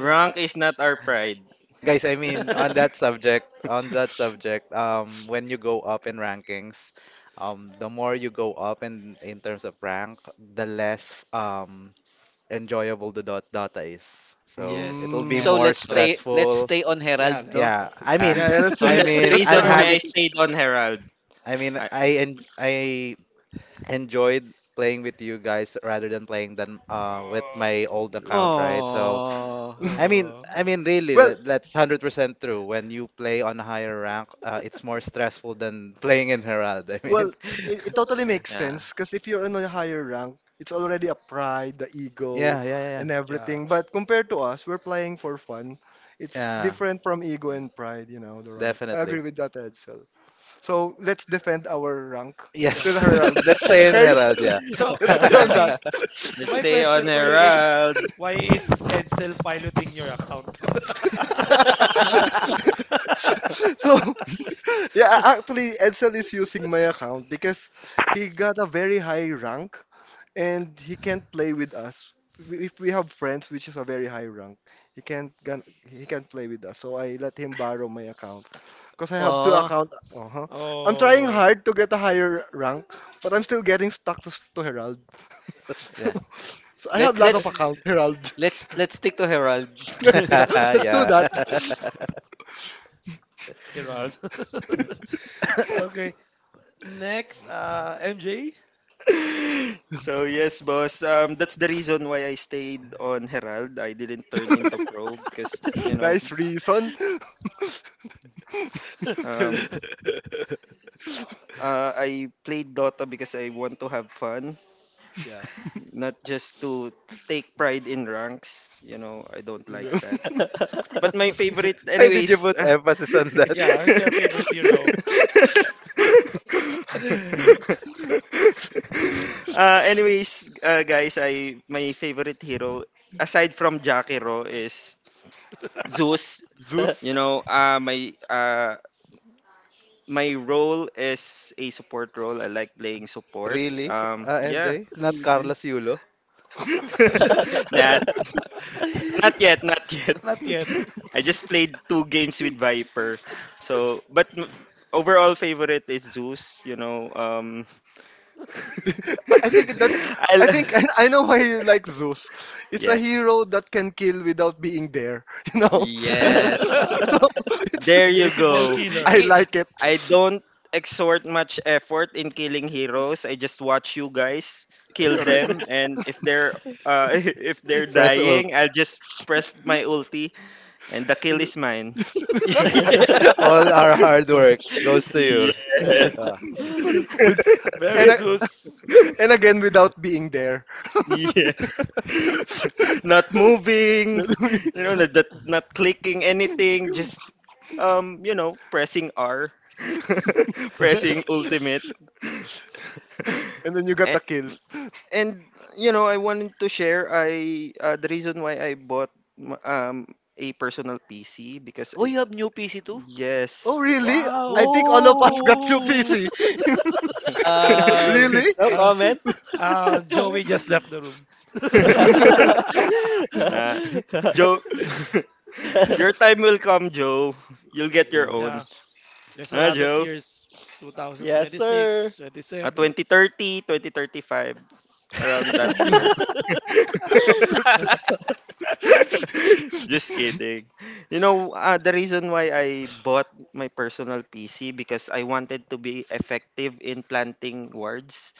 B: Yeah.
D: is not our pride.
F: Guys, I mean on that subject, when you go up in rankings, the more you go up in terms of rank, the less enjoyable the dot data is. So
D: Yes.
F: it'll be
A: Mm.
E: So
C: Yes.
F: more
E: let's
D: So
E: stay let's
F: stressful.
E: stay on
B: Yeah.
E: Herald, no?
F: Yeah, I
D: ah,
F: mean,
A: Yeah, yeah, that's
D: so
F: I
D: that's
B: Let's
D: the
F: mean,
A: that's
F: I'm
A: the
D: reason
B: start.
A: goal.
F: happy.
D: why I stayed on Herald.
F: I mean,
D: I,
F: I enjoyed playing with you guys rather than playing than with my old account, right? So,
E: Oh.
F: I mean, I
B: Uh,
F: mean, really,
A: well,
F: that's 100% true. When you play on a higher rank, it's more stressful than playing in Herald. I
A: Well,
F: mean,
A: it totally makes
D: yeah.
A: sense because if you're in a higher rank, it's already a pride, the ego,
F: yeah, yeah,
A: and
B: yeah.
A: everything.
F: yeah,
A: But compared to us, we're playing for fun. It's
F: yeah,
A: different from ego and
D: Yeah.
A: pride, the rank. I
F: definitely.
A: agree with that, Edsel. So let's defend our rank. It's
B: Yeah.
A: still
F: Yes,
B: So,
A: Herald.
F: let's stay
D: Yes.
F: in
A: Okay?
F: Herald, yeah.
B: so
A: Let's stay on that.
B: Harvey, so
D: Let's
B: my
D: stay
B: question
D: on
B: for you is,
D: Herald.
B: why is Edsel piloting your account?
A: So, yeah, actually, Edsel is using my account because he got a very high rank and he can't play with us. If we have friends, which is a very high rank, he can't play with us. So I let him borrow my account because I have two
E: Oh.
A: account. Uh-huh. I'm trying
B: Oh.
A: hard to get a higher rank, but I'm still getting stuck to Herald.
E: Yeah.
A: So I have
E: Let
A: a lot of
E: let's
A: account Herald.
E: let's stick to Herald.
A: yeah, let's do
F: Yeah.
A: that.
B: Herald. Okay. Next, MJ.
D: Yes boss. That's the reason why I stayed on Herald. I didn't turn into pro because
A: nice reason. Very-
D: um, uh, I played Dota because I want to have fun,
B: Yeah.
D: not just to take pride in ranks. You know, I don't
A: you
D: like
A: know.
D: that. But my favorite,
F: Why did you
D: anyways.
F: put emphasis on that?
B: Yeah, who's your favorite hero?
D: Guys, I my favorite hero aside from Jakiro is Zeus. You
A: Zeus.
D: know, uh, my uh, my role is a support role. I like playing support.
F: Really?
D: Yeah,
F: MJ? Not Carlos Yulo?
A: I
D: not, not yet, not yet.
B: Not yet.
D: I just played two games with Viper. So, overall favorite is Zeus, you know.
A: I think that's.
D: I
A: I
D: l-
A: think I know why you like Zeus. It's a
D: yeah.
A: hero that can kill without being there. You know.
E: Ki-
D: Yes.
A: so it's.
D: There you
B: Invisible
D: go.
A: I
B: Killer.
A: like it.
D: I don't exert much effort in killing heroes. I just watch you guys kill
A: Correct.
D: them and if they're if they're
F: Press ult.
D: dying, I'll just press my ulti and the kill
A: And
D: is mine.
E: Yeah.
A: that's right.
F: All our hard work goes to you.
D: Yes.
E: Ah.
A: With
B: Very
A: and a-
B: Zeus.
A: and again without being there.
D: Yeah. Not moving, you know, not clicking anything, just pressing R, pressing ultimate.
A: And then you got
D: And
A: the kills.
D: and you know, I wanted to share I the reason why I bought a personal PC because
E: Oh,
D: I,
E: you have new PC too?
A: Oh,
D: yes.
A: really? I
B: Wow.
A: think all of us
E: Oh.
A: got your
B: Ooh.
A: PC. really?
C: No
B: Uh,
C: comment.
B: Joey just left the room.
D: Nah, Joe, your time will come, Joe. You'll get your
A: yeah.
D: own.
B: Yeah, there's a
D: Ah,
B: lot of
D: Joe.
B: years.
C: Yes, sir.
B: 2026,
D: Ah,
B: 27.
D: 2030, 2035, around that year.
A: After-
D: Just kidding. You know, the reason why I bought my personal PC because I wanted to be effective in planting words.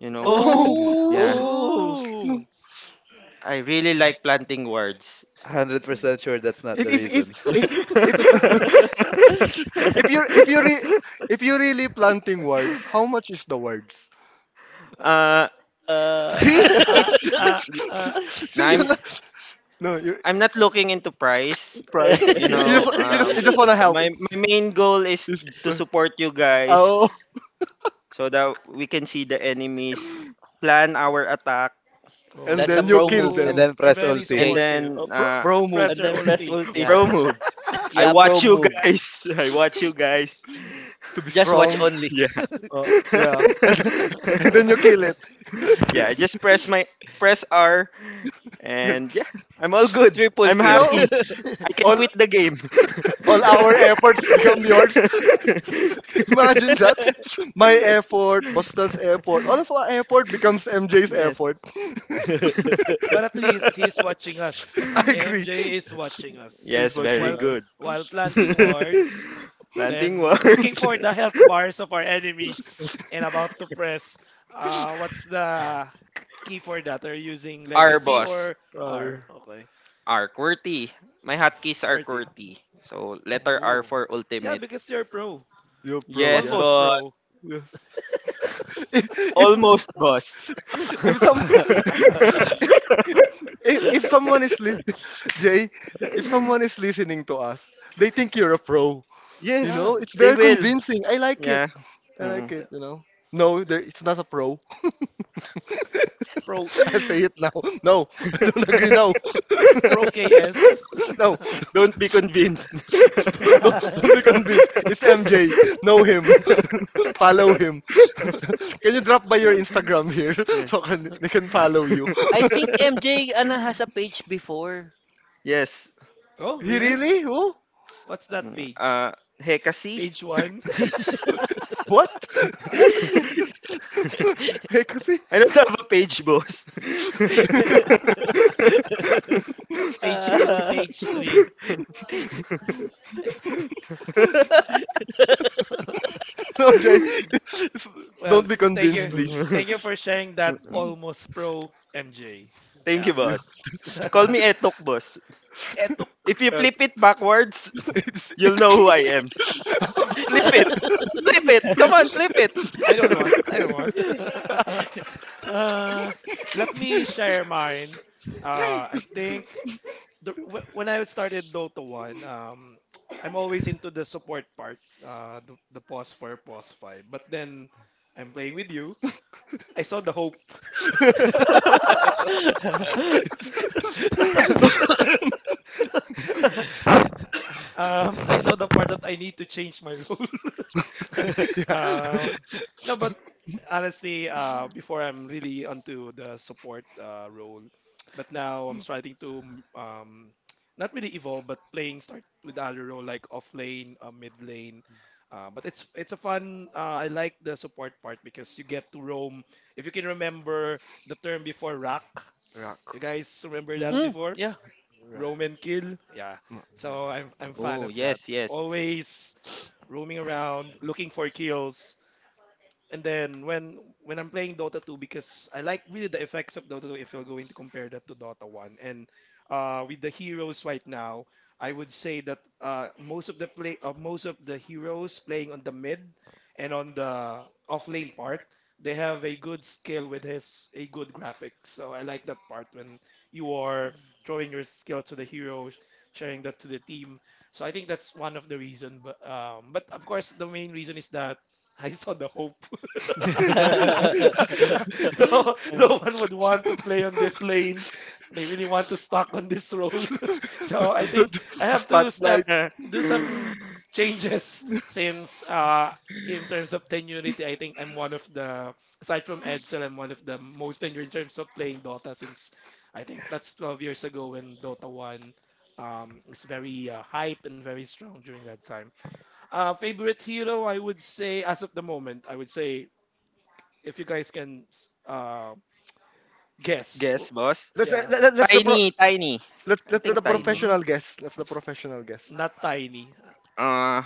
D: You know,
A: oh,
D: mm, yeah,
E: Oh.
C: Ooh.
B: Ooh.
D: I really like planting words.
F: 100% sure that's not
A: if
F: the
A: if
F: reason.
A: if if if if you're if you're re- if you're really planting words, how much is the words?
D: uh,
C: uh,
A: See,
D: it's y-
A: see, you're
D: I'm
A: not. No, you're
D: not looking into price.
A: price.
D: you
A: You
D: know
A: just you just
D: um
A: you just wanna help.
D: my my main goal is
A: Just-
D: to
A: uh,
D: support you guys
A: oh,
D: so that we can see the enemies plan our attack
A: and
E: That's a
A: then you
E: pro
A: kill
E: move,
F: And
A: them.
B: Oh,
F: then
B: they're
F: press
B: very
F: ulti.
D: and
E: Jay.
B: supportive.
A: uh,
D: then
A: pro, pro move
B: Press
C: and
B: your
C: then press
B: ulti.
C: multi.
E: Yeah.
D: pro moves I
E: Yeah, pro
D: watch you
E: move.
D: guys I watch you guys
A: to be
E: Just watch
A: strong.
E: only.
D: yeah
A: Yeah, and then you kill it.
D: yeah I just press my press r
A: And,
D: and yeah I'm all good
E: Triple
D: I'm
A: you
E: kill.
A: know,
D: happy I can
A: all
D: quit the game
A: all our efforts become yours. Imagine that. My effort, Boston's effort, all of our effort becomes MJ's
D: yes
A: effort.
B: But at least he's watching us.
A: I agree.
B: MJ is watching
A: Who
B: us
A: is
D: Yes, very
A: watching
B: while
D: good.
A: us?
B: planting wards,
D: Planting
B: then looking
D: words.
B: for the health bars of our enemies and about to press. What's the key for that? Are you using
D: R
B: legacy
D: boss.
B: or
A: Uh,
B: R? Okay,
D: R QWERTY. My hotkeys are
B: QWERTY.
D: QWERTY. So letter R
B: Ooh,
D: for
B: yeah,
D: ultimate.
B: because you're pro,
A: you're pro,
D: Yes,
A: yeah.
B: almost
D: boss.
B: pro.
A: Yes. If,
D: Almost
A: if
D: boss.
A: If some if someone is Jay, if someone is listening to us, they think you're a pro. You
B: Yeah,
D: Yes,
A: know, it's
D: they
A: very
D: will.
A: convincing. I like it.
D: Yeah.
A: I like
D: Mm.
B: yeah.
A: it. You know. No, there, it's not a pro.
B: pro
A: I say it now. No, I don't agree now.
B: Pro KS.
A: no,
D: Don't be convinced.
A: don't be convinced. It's MJ. Know him. Follow him. Can you drop by your Instagram here
D: Yeah.
A: so they can follow you?
E: I think MJ Ana has a page before.
D: Yes,
B: Oh,
A: he
B: really?
E: Huh?
A: really? Who?
B: What's that
D: mm,
B: page?
D: Hekasi
B: Page one,
D: page.
A: What? hey, kasi...
D: I don't have a page, boss.
B: page two, page three. Ah.
A: no, Jay. It's- Don't
B: Well,
A: be
B: thank
A: convinced,
B: you.
A: please.
B: Thank you for sharing that, almost pro MJ.
D: Thank you,
B: Yeah.
A: You-
D: boss. Call me Etok, boss.
B: Etuk.
D: If you
A: uh,
D: flip it backwards, you'll know who I am. Flip it! Flip it! Come on, flip
B: I don't want. I
D: it!
B: don't want. uh, Let me share mine. I think when I started Dota 1, I'm always into the support part, the pause for pause 5. But then I'm playing with you. I saw the hope. Um, I saw the part that I need to change my role.
A: yeah.
B: Uh, no, but honestly, before I'm really onto the support role, but now I'm starting to not really evolve, but playing start with other role like off lane, mid lane. But it's a fun. I like the support part because you get to roam. If you can remember the term before rock,
A: Rock.
B: you guys remember that
C: Mhm.
E: Mm,
B: before
E: yeah.
B: roam and kill. Yeah,
A: Rock.
B: so I'm fan
D: Oh,
B: of that.
D: yes, yes.
B: Always roaming around, looking for kills, and then when I'm playing Dota 2, because I like really the effects of Dota 2 if you're going to compare that to Dota 1. And with the heroes right now, I would say that most of the play most of the heroes playing on the mid and on the off lane part, they have a good skill with his a good graphics. So I like that part when you are throwing your skill to the hero, sharing that to the team. So I think that's one of the reason. But of course the main reason is that I saw the hope. No, no one would want to play on this
A: really.
B: lane. They really want to stock on this road. So I
A: The-
B: think
A: the-
B: I
A: the
B: have to step,
A: spotlight.
B: do some changes, since in terms of tenuity, I think I'm one of the aside from Edsel, I'm one of the most tenured in terms of playing Dota. Since I think that's 12 years ago when Dota 1 is very hype and very strong during that time. Favorite hero, I would say, as of the moment, I would say, if you guys can uh, guess,
D: Guess, boss.
A: Let's
B: yeah,
A: let, let, let's the pro,
D: Tiny, Tiny.
A: let's
D: I
A: let, let the
D: think Tiny.
B: mm,
A: professional guess. Let's the professional guess.
B: not tiny.
D: Uh,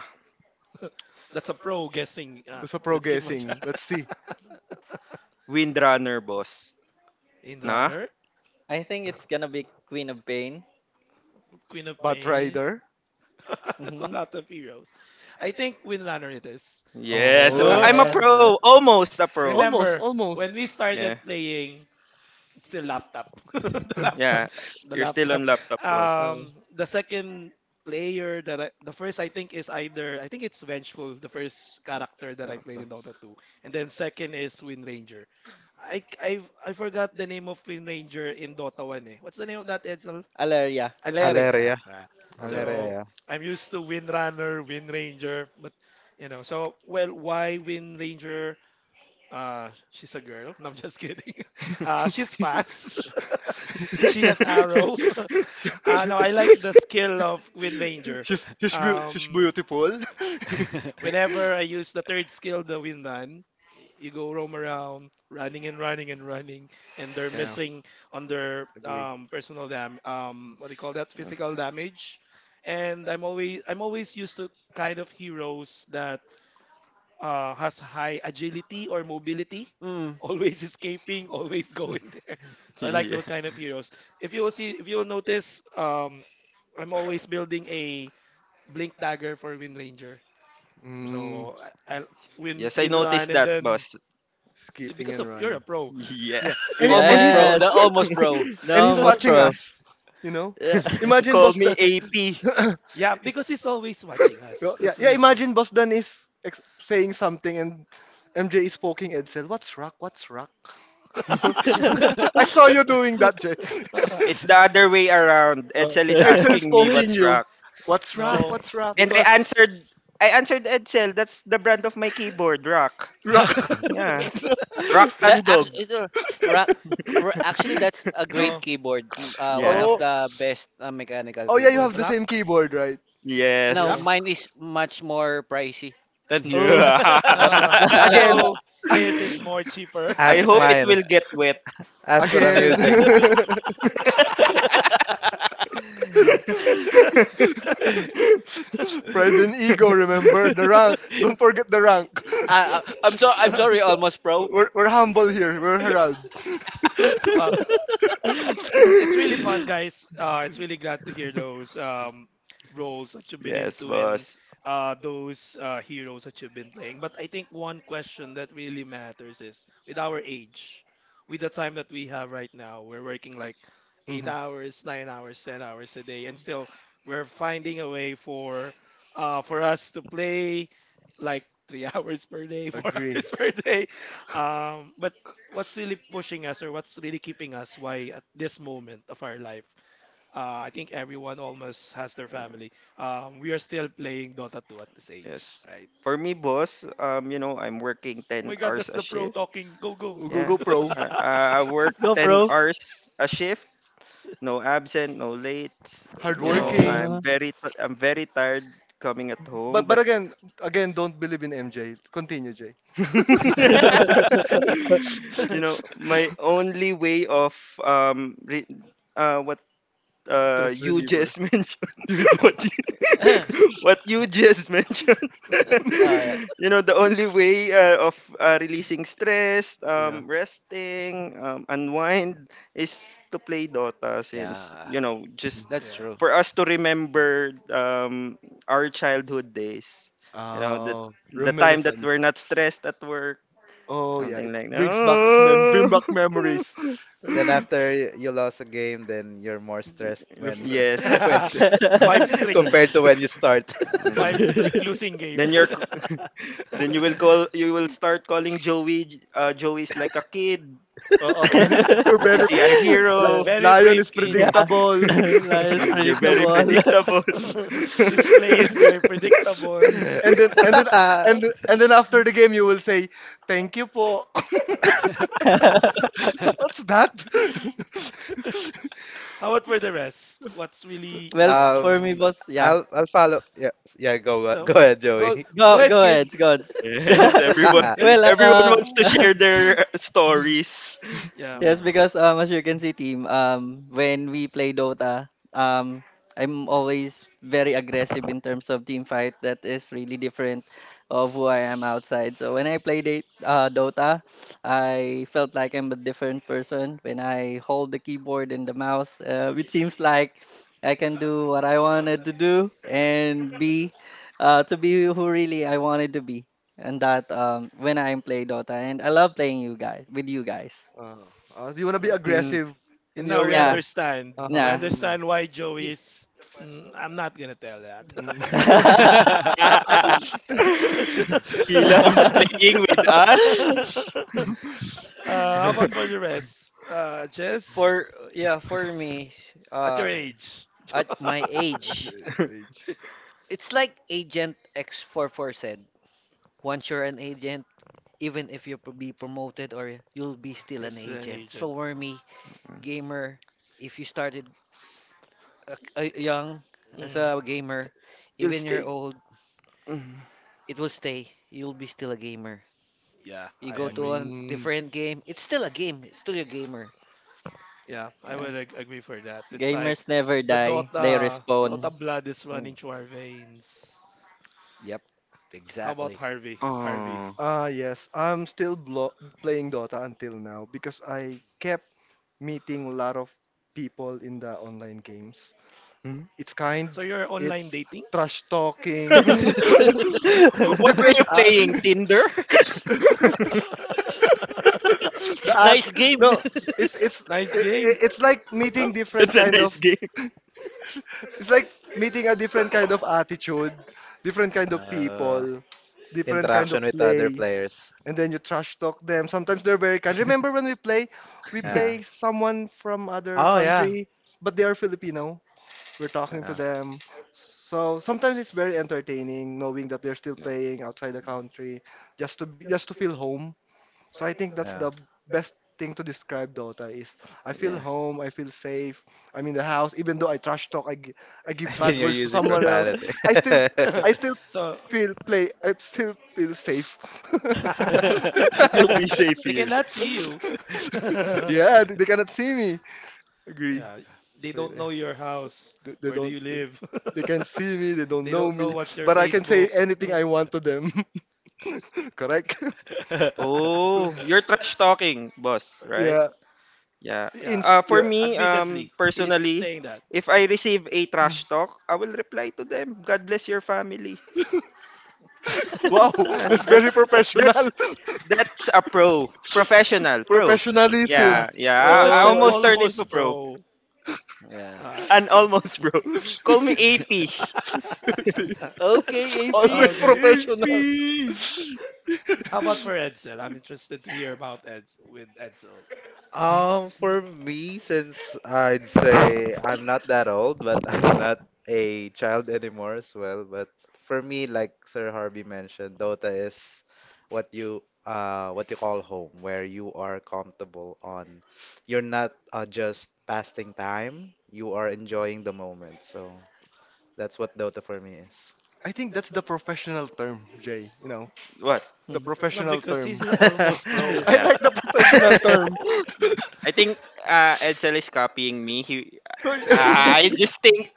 B: That's a pro guessing.
A: That's a pro
B: Let's give him a try.
A: guessing. Let's see.
D: Windrunner boss. Nah?
B: Windrunner,
C: I think it's gonna be Queen of Pain.
B: Queen of
A: Bat
B: Pain,
A: Rider.
B: it's a
C: Hmm.
B: lot of heroes. I think Windrunner it is.
D: Yes.
A: Oh,
D: I'm a
C: Yes.
B: Uh,
D: pro. Almost a pro.
A: almost,
B: remember
A: almost.
B: when we
D: Yeah.
B: started playing? It's the laptop. the laptop
D: Yeah.
B: the
D: You're still on
B: laptop
A: the
D: laptop boss.
A: Uh,
B: Um, the second player that the first I think is either, I think it's vengeful, the first character that I played in Dota 2. And then second is Wind Ranger. I forgot the name of Wind Ranger in Dota 1, eh. What's the name of that, Edsel?
C: Alaria.
B: Aleria, yeah,
F: Aleria.
B: ah.
C: Yeah.
F: Aleria,
B: So
A: Valeria.
F: yeah.
B: I'm used to Wind Runner, Wind Ranger, but you know so well, why Wind Ranger? Uh, she's a girl. No, I'm just kidding. She's fast. She has arrow.
A: ano,
B: Uh, no, I like the skill of Wind Ranger.
A: she's,
B: Um,
A: beautiful. whenever
B: whenever I
A: I
B: use the third skill, the Wind Run, you go roam around, running and running and running, and they're missing on their personal dam. What do you call that? Physical damage. And I'm always used to kind of heroes that has high agility or mobility,
E: Mm,
B: always escaping, always going there. So I like
D: Yeah.
B: those kind of heroes. If you will see, if you will notice, I'm always building a blink dagger for Wind Ranger.
A: Mm,
B: So I'll win,
D: Yes, I
B: win run,
D: noticed
B: and
D: that
B: then
D: boss.
A: skipping
B: because
A: you.
B: of you're a pro.
A: Yeah,
D: Yes.
A: and he, and he's
C: Yes.
E: Almost bro.
A: and
C: No,
A: he's
C: most
A: watching
C: pro.
A: us. You know,
C: Yeah.
A: imagine
D: Call
A: boss
D: me
A: that.
D: AP.
B: Yeah, because he's always watching us.
A: Well, yeah,
B: That's why
A: yeah.
B: he's—
A: Imagine Boss Dan is saying something and MJ is poking Edsel. What's rock? What's rock?
E: that
A: I saw you doing that, Jay.
D: No, it's the other way around.
A: Uh,
D: Edsel is
A: Edsel is
D: asking me
A: poking
D: what's
A: you.
D: wrong.
A: What's rock?
B: no,
A: What's rock?
D: And
B: because
D: I answered Edsel. That's the brand of my keyboard, Rock.
A: Rock.
D: Yeah. Rock Tandog.
E: actually, ra- actually, that's a great
B: no
E: keyboard. One
D: Yeah.
A: Oh.
E: of the best mechanical
A: Oh yeah, you
E: keyboard.
A: have the same
B: rock,
A: keyboard, right?
E: Now
A: Yeah.
D: Yes.
E: mine
B: rock.
E: is much more pricey.
A: Oh,
D: Yeah.
B: Uh,
A: again.
B: so his is more cheaper.
D: I
F: Ask
D: hope it
F: mine.
D: will get wet.
F: Ask what I'm
A: Again.
F: using.
A: Pride and ego, remember? The rank. Don't forget the rank.
E: I'm sorry. I'm sorry, almost pro.
A: We're humble here. We're Harald.
B: 아, it's really fun, guys. It's really glad to hear those roles that you've been
D: Yes,
B: into and
D: boss.
B: those heroes that you've been playing. But I think one question that really matters is, with our age, with the time that we have right now, we're working like eight
A: Mhm.
B: hours, 9 hours, 10 hours a day, and still we're finding a way for us to play like 3 hours per day, 4
A: Agree.
B: hours per day. But what's really pushing us or what's really keeping us, why at this moment of our life I think everyone almost has their family, we are still playing Dota 2 at this age,
D: Yes.
B: right?
D: For me, boss, you know, I'm working
B: Oh my
D: 10
B: god,
D: hours
B: that's
D: a
B: the pro
D: shift.
B: talking. Go, go.
D: Yeah.
A: Google Pro.
D: I, I I work
C: Let's go,
D: 10
C: bro.
D: hours a shift. No absent, no late. You know,
B: Oh.
A: Hardworking.
C: Uh-huh.
D: I'm very tired coming at home,
A: But
D: but
A: again, again, don't believe in MJ. Continue, Jay.
D: you know, my only way of re- what
A: Stress
D: you
A: reliever.
D: just mentioned
A: You do-
D: what you, what you just mentioned
E: Oh yeah,
D: you know the only way of releasing stress,
A: yeah.
D: resting, unwind is to play Dota since
E: yeah,
D: you know just
E: that's
B: Yeah.
E: true.
D: for us to remember our childhood days, you know,
A: Oh,
D: the time that we're
A: reminiscence.
D: not stressed at work,
A: Oh yeah, it
D: something like that.
A: brings back mem bring back
D: Oh.
A: memories. I
F: Then
A: see.
F: after you lost a game, then you're more stressed
A: You're
F: when
A: stressed.
D: Yes.
F: when
B: Five streak.
F: compared to when you start.
B: Five
D: Mm-mm.
B: streak losing
D: Then
B: games.
D: you're c- then you will call you will start calling Joey. Joey's like a kid.
A: Oo, you're
D: If you
A: very
D: see a
A: li-
D: hero,
B: Very
A: lion
B: brave
A: is
B: kid.
E: Mm,
C: Yeah,
A: predictable.
C: life is
D: you're
E: mm.
D: very
C: predictable.
D: predictable.
B: His play is very predictable.
A: And then and then and and then after the game you will say, "Thank you po." What's that?
B: How about for the rest, what's really, you
C: Well,
B: know.
C: for me,
F: Um,
C: boss, yeah.
F: I'll follow. Yeah, yeah. Go
B: So
F: go ahead,
B: go,
F: Joey.
B: go
C: Go,
B: ahead,
C: go
B: kid.
C: ahead, go.
B: No,
D: Yes,
C: On.
B: let's
C: Well,
B: g-
D: everyone wants to share their stories.
B: yeah.
C: Yes,
E: Mm,
C: because as you can see, team, when we play Dota, um, I'm always very aggressive in terms of team fight. That is really different of who I am outside. So when I play Dota, I felt like I'm a different person. When I hold the keyboard and the mouse, it seems like I can do what I wanted to do and be to be who really I wanted to be. And that when I play Dota, and I love playing you guys with you guys.
A: Uh, you wanna be
B: Um,
D: Mm.
A: aggressive in
B: and
A: your
B: now we
A: real
C: Yeah.
A: life.
B: understand.
A: Uh-huh.
B: We
C: Yeah.
E: mm.
B: understand why Joey is. Mm, I'm not gonna tell that.
A: Mm.
D: He loves playing with us.
B: Uh, how about for the rest? Jess,
E: For me,
B: at
E: uh,
B: your age,
E: at my age,
A: Rage.
E: it's like Agent X44 said. Once you're an agent, even if you'll be promoted or you'll be still
B: you're
E: an
B: still an
E: agent.
B: agent.
E: So for me, gamer, if you started young as
B: Mm,
E: a gamer,
D: You'll
E: even you're
D: stay.
E: old,
D: Mm.
E: it will stay. You'll be still a gamer.
B: yeah,
E: You
B: I
E: go to
B: agree.
E: a
A: Mm.
E: different game, it's still a game. It's still a gamer.
B: Yeah, I would agree for that. It's like
C: Gamers never
B: the
C: die. They
B: Dota
C: respawn.
B: blood is
E: Mm,
B: running through our veins.
E: yep,
B: How about
E: exactly.
B: Harvey? Harvey.
D: Oh.
A: Ah, yes. I'm still blo playing Dota until now because I kept meeting a lot of people in the online games.
D: Hmm?
A: It's kind,
B: So you're online
A: it's
B: dating?
A: trash talking,
D: What are
A: Different
D: you playing? Tinder?
A: ads. The ads,
E: Nice game.
A: no,
B: Nice game.
A: it's like meeting different
D: That's a
A: kind of,
D: nice game.
A: it's like meeting a different kind of attitude, different kind of
F: Uh,
A: people, different
B: Mm.
A: kind of
F: Interaction with other
A: play,
F: players.
A: and then you trash talk them. Sometimes they're very kind. Remember when we
F: Yeah.
A: play someone from other
F: Oh yeah.
A: country, but they are Filipino. We're talking to
F: Yeah.
A: them. So sometimes it's very entertaining knowing that they're still
D: Yeah.
A: playing outside the country, just to be, just to feel home. So I think that's
F: Yeah.
A: the best thing to describe Dota is I feel
D: Yeah.
A: home, I feel safe. I'm in the house even though I trash talk, I give
F: I've been
A: bad
F: here
A: words to
F: using
A: someone else.
F: profanity.
A: I still I still
B: So
A: feel play. I still feel safe.
D: You'll be safe
B: they
D: here.
B: cannot see you.
A: Yeah, they cannot see me. Agree.
B: Yeah, they
A: So,
B: don't
A: yeah.
B: know your house.
A: They, they
B: Where do
A: don't.
B: you
A: They,
B: live?
A: they can't see me. They don't
B: They
A: know
B: don't know
A: me.
B: what's your
A: But I can say
B: Facebook.
A: anything I want to them. Correct. So
D: Oh, you're trash talking, boss, right?
A: yeah.
D: Yeah.
A: In
B: Yeah,
D: For
A: yeah.
D: me,
B: admittedly, he's
D: personally,
B: saying that.
D: if I receive a trash talk, I will reply to them. God bless your family.
A: Wow,
D: Yeah,
A: that's very professional.
D: that's that's a pro, professional pro.
A: Professionalism.
B: Yeah,
D: Yeah, yeah.
B: because
D: I
B: that's an
A: Oh, I
D: almost
A: see.
D: turned into
B: almost
D: pro,
B: pro.
E: Yeah.
B: Uh,
D: and almost bro. Call me AP.
E: Okay, AP.
A: Always
B: okay.
A: professional.
E: AP.
B: How about for Edsel? I'm interested to hear about Edsel.
F: For me, since I'd say I'm not that old, but I'm not a child anymore as well. But for me, like Sir Harvey mentioned, Dota is what you call home, where you are comfortable on. You're not just passing time. You are enjoying the moment. So that's what Dota for me is.
A: I think that's the professional term, Jay. You know,
D: What?
A: the
C: Hmm.
B: No,
A: professional
B: because he's
A: term.
B: a almost pro.
A: I
D: Yeah.
A: like the professional term.
D: Yeah. I think Edsel is copying me. He, uh, I just think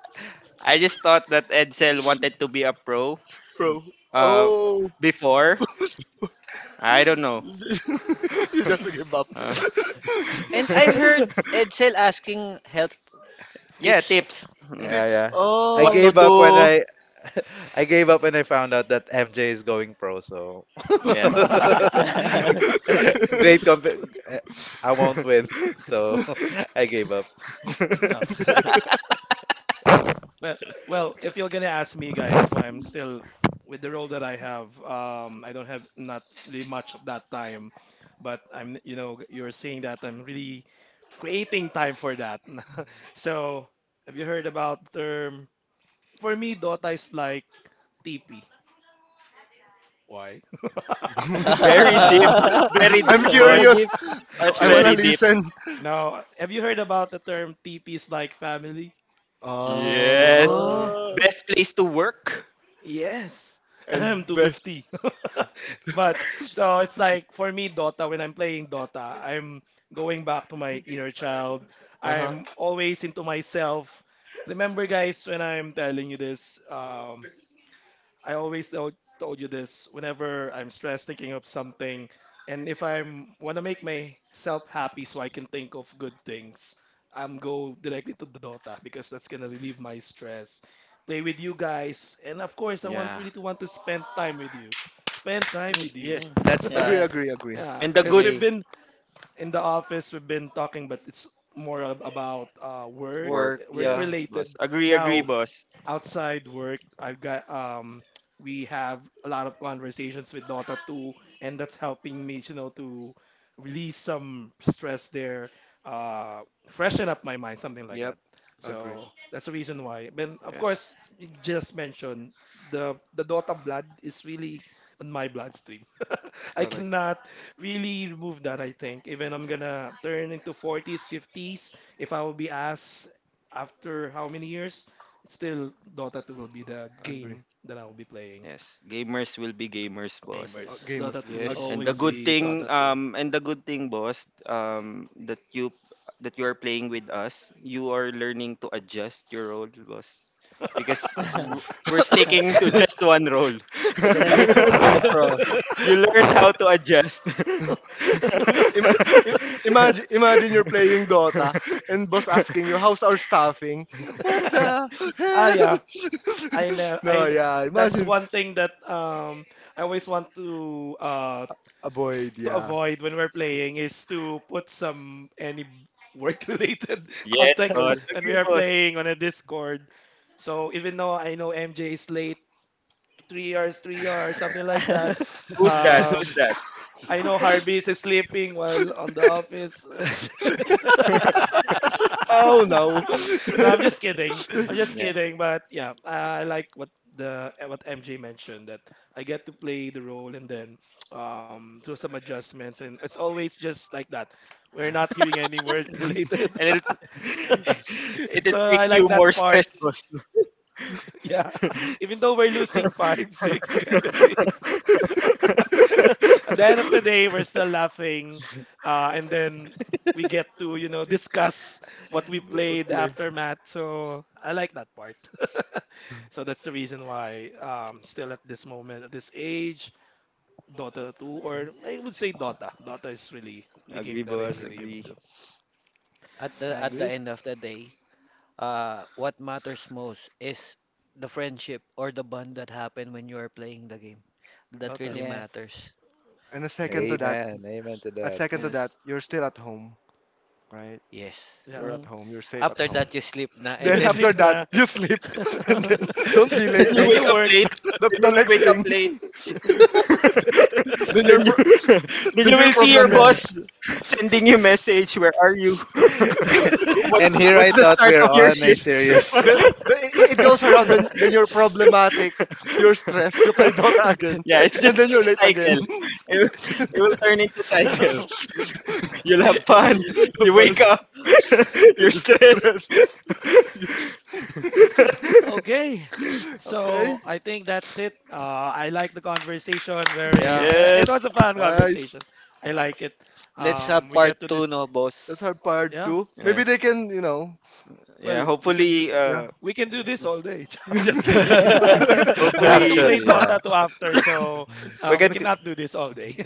D: I just thought that Edsel wanted to be a pro
A: Bro.
D: uh,
A: Oh.
D: before. I don't know.
A: You just give up.
D: Uh,
E: And I heard Edsel asking help
D: yeah,
E: tips.
D: tips.
E: Yeah.
D: Mm.
F: Yeah,
A: Tips.
F: yeah. I
D: What
A: Oh.
D: to
F: gave up when
D: do.
F: I I gave up when I found out that MJ is going pro, so
D: Yeah.
F: great comp I won't win. So I gave up.
B: Yeah. Well, well, if you're gonna ask me, guys, why I'm still with the role that I have, I don't have not really much of that time, but I'm, you know, you're saying that I'm really creating time for that. So, have you heard about the term? For me, Dota is like TP. Why?
D: Very
E: Yeah.
D: deep. That's very
A: I'm
D: deep, boss.
C: Very
A: curious.
C: deep.
A: I,
D: That's
A: I wanna
D: very
B: Curious.
D: deep.
A: listen.
B: Now, have you heard about the term TP is like family? Uh,
D: Yes.
E: Oh.
C: Oh.
A: Uh,
D: Best place to work.
B: yes.
A: and best.
B: 250. But so it's like for me Dota, when I'm playing Dota, I'm going back to my inner child.
A: Uh-huh.
B: I'm always into myself. Remember guys when I'm telling you this, um, I always told you this whenever I'm stressed thinking of something, and if I'm want to make myself happy so I can think of good things, I'm go directly to the Dota because that's gonna relieve my stress. Play with you guys, and of course, I want
D: Yeah.
B: really to want to spend time with you. Spend time
E: Mm,
B: with you.
E: yes,
C: Hmm.
E: that's the
A: Agree,
C: Yes,
A: agree, agree.
B: Yeah,
D: And the
B: because we've
D: good
C: agree.
B: been in the office, we've been talking, but it's more about work,
D: work.
E: work.
B: work
E: Yeah.
D: Yes,
B: related.
D: boss. Agree, agree,
B: Now
A: Mm,
D: boss.
B: outside work, I've got we have a lot of conversations with Dota 2, and that's helping me, you know, to release some stress there, uh, freshen up my mind, something like
E: Yep.
B: that.
A: agree.
B: So that's the reason why. Then of course,
D: Yes.
B: you just mentioned the Dota blood is really on my bloodstream. I
A: Correct.
B: cannot really remove that, I think. Even I'm gonna turn into 40s, 50s, if I will be asked after how many years, it's still Dota 2 will be the
A: Agree.
B: game that I will be playing.
D: Yes. Gamers will be gamers, boss.
B: Gamers,
A: Gamers.
B: Dota 2 will
A: Ag-
E: Yes.
D: And the
B: always
D: good
B: be
D: thing,
B: Dota 2.
D: um, and the good thing, boss, that you are playing with us, you are learning to adjust your role, boss, because
E: Mm.
D: w- we're sticking to just one role.
C: I'm gonna listen to be
A: agree.
C: the pro.
D: You learned how to adjust.
A: Ima- imagine, imagine you're playing Dota and boss asking you, how's our staffing? What the
B: Ah yeah,
A: hell?
B: I know.
A: no,
B: I
A: yeah,
B: That's
A: imagine.
B: one thing that I always want
A: Avoid,
B: to
A: yeah.
B: avoid when we're playing is to put some any work related
D: Yes,
B: context
D: boss.
B: when we
D: Agree,
B: are
D: boss.
B: playing on a Discord. So even though I know MJ is late, 3 hours, 3 hours, something like that.
D: Who's that? Who's
B: Um,
D: that?
B: I know Harvey is sleeping while on the office.
A: Oh no.
B: No, I'm just kidding. I'm just
D: Yeah,
B: kidding. But yeah, I like what the eh, what MJ mentioned, that I get to play the role and then do some adjustments, and it's always just like that. We're not
A: Yes.
B: hearing any word related.
D: and it it will
B: So
D: make
B: I
D: you
B: like
D: more
B: that part.
D: stressed, boss.
B: Yeah. Even though we're losing five, six, Kevin Gates. At the end of the day, we're still laughing, and then we get to you know discuss
A: What-
B: what we
A: what
B: played
A: play?
B: after Matt. So I like that part. So that's the reason why still at this moment, at this age, Dota 2, or I would say Dota. Dota is really the
D: Agree,
B: game that I
A: Agree.
D: boss.
A: Reference.
B: really am
D: Agree.
B: to.
E: At the
C: Agree.
E: end of the day, what matters most is the friendship or the bond that happened when you are playing the game. That
B: Dota,
E: really
C: Yes.
E: matters.
A: And a second
E: Mm.
A: to that,
F: Amen. Amen to
A: a second to that,
D: Yes.
A: you're still at home, right?
E: Yes.
A: You're
B: yeah.
A: at
C: Mhm.
A: home. You're safe at
E: After
A: home.
E: that, you sleep na,
B: You're
E: and
A: Then
E: then
B: asleep
A: after that,
B: na.
A: you sleep, and then don't be
D: Then
A: late.
B: And
D: you
B: then you
D: wake up
B: work.
D: late.
F: that.
A: That's
D: Then you
A: the
D: will
A: next
D: wake up
A: thing.
D: late.
B: Yeah.
A: then your
D: then you
A: pro-
D: then
A: then
D: you
A: your
D: will see your
A: problem.
D: boss sending you message. Where are you?
F: And here I
D: What's the
F: thought
D: start
F: we're
D: of your
F: on a
D: shift?
F: serious
A: the, it it goes around. Then you're problematic. You're stressed. You play Dota again,
D: Yeah, it's just
A: and then
D: like
A: you're late
D: a
A: again.
D: cycle. It will turn into cycle. You'll have fun. You wake
A: But
D: up. You're
A: you're
D: stressed.
A: stressed.
B: Okay.
A: Okay.
B: So I think that's it. I like the conversation very.
E: yeah.
B: It was
D: Yes.
B: a fun
A: Nice.
B: conversation. I like it.
E: Let's have
B: We get
E: part
B: to
E: two,
B: this.
E: no,
A: That's
E: boss?
A: our part
B: Yeah.
A: two. Maybe
D: Yes.
A: they can, you know,
D: Yeah,
B: Well, we can do,
D: hopefully
A: yeah.
B: we can do this all day. I'm just kidding. We have to
D: hopefully
B: play
F: Actually,
B: Dota
F: yeah.
B: 2 after, so
F: We
B: we
F: can
B: cannot do this all day.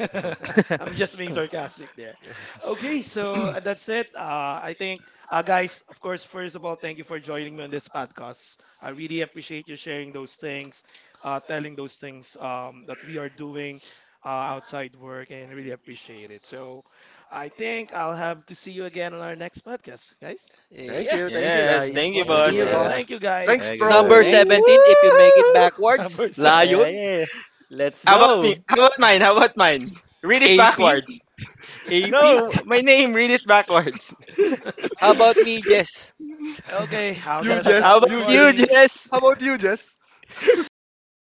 B: I'm just being sarcastic there.
A: Okay.
B: Okay, so that's it. I think, guys, of course, first of all, thank you for joining me on this podcast. I really appreciate you sharing those things, telling those things that we are doing outside work, and really appreciate it. So I think I'll have to see you again on our next podcast, guys.
E: Yeah.
A: Thank you
C: Mm,
D: yes.
C: yes,
D: Thank
A: guys.
D: you,
C: boss.
F: Thank
A: Thank
F: you,
C: See you,
D: boss.
B: Yeah,
A: you.
F: boss.
E: Sige.
C: boss.
B: thank you, guys.
A: Thanks,
F: Thank you,
A: bro.
E: Number
F: guys.
C: Thank you.
D: Woo!
E: 17, if you make it backwards,
B: Number seven.
C: Yeah, yeah,
E: Lion,
C: yeah. Let's
D: How about me?
C: go.
D: How about mine? How about mine? Read it
E: AP,
D: backwards.
E: AP.
D: No, my name, read it backwards.
E: How about me, Jess?
B: Okay, I will got
A: You
B: to
A: Jess,
B: stop
D: How about
A: you Jess.
D: you,
B: recording.
D: Jess?
A: How about you, Jess?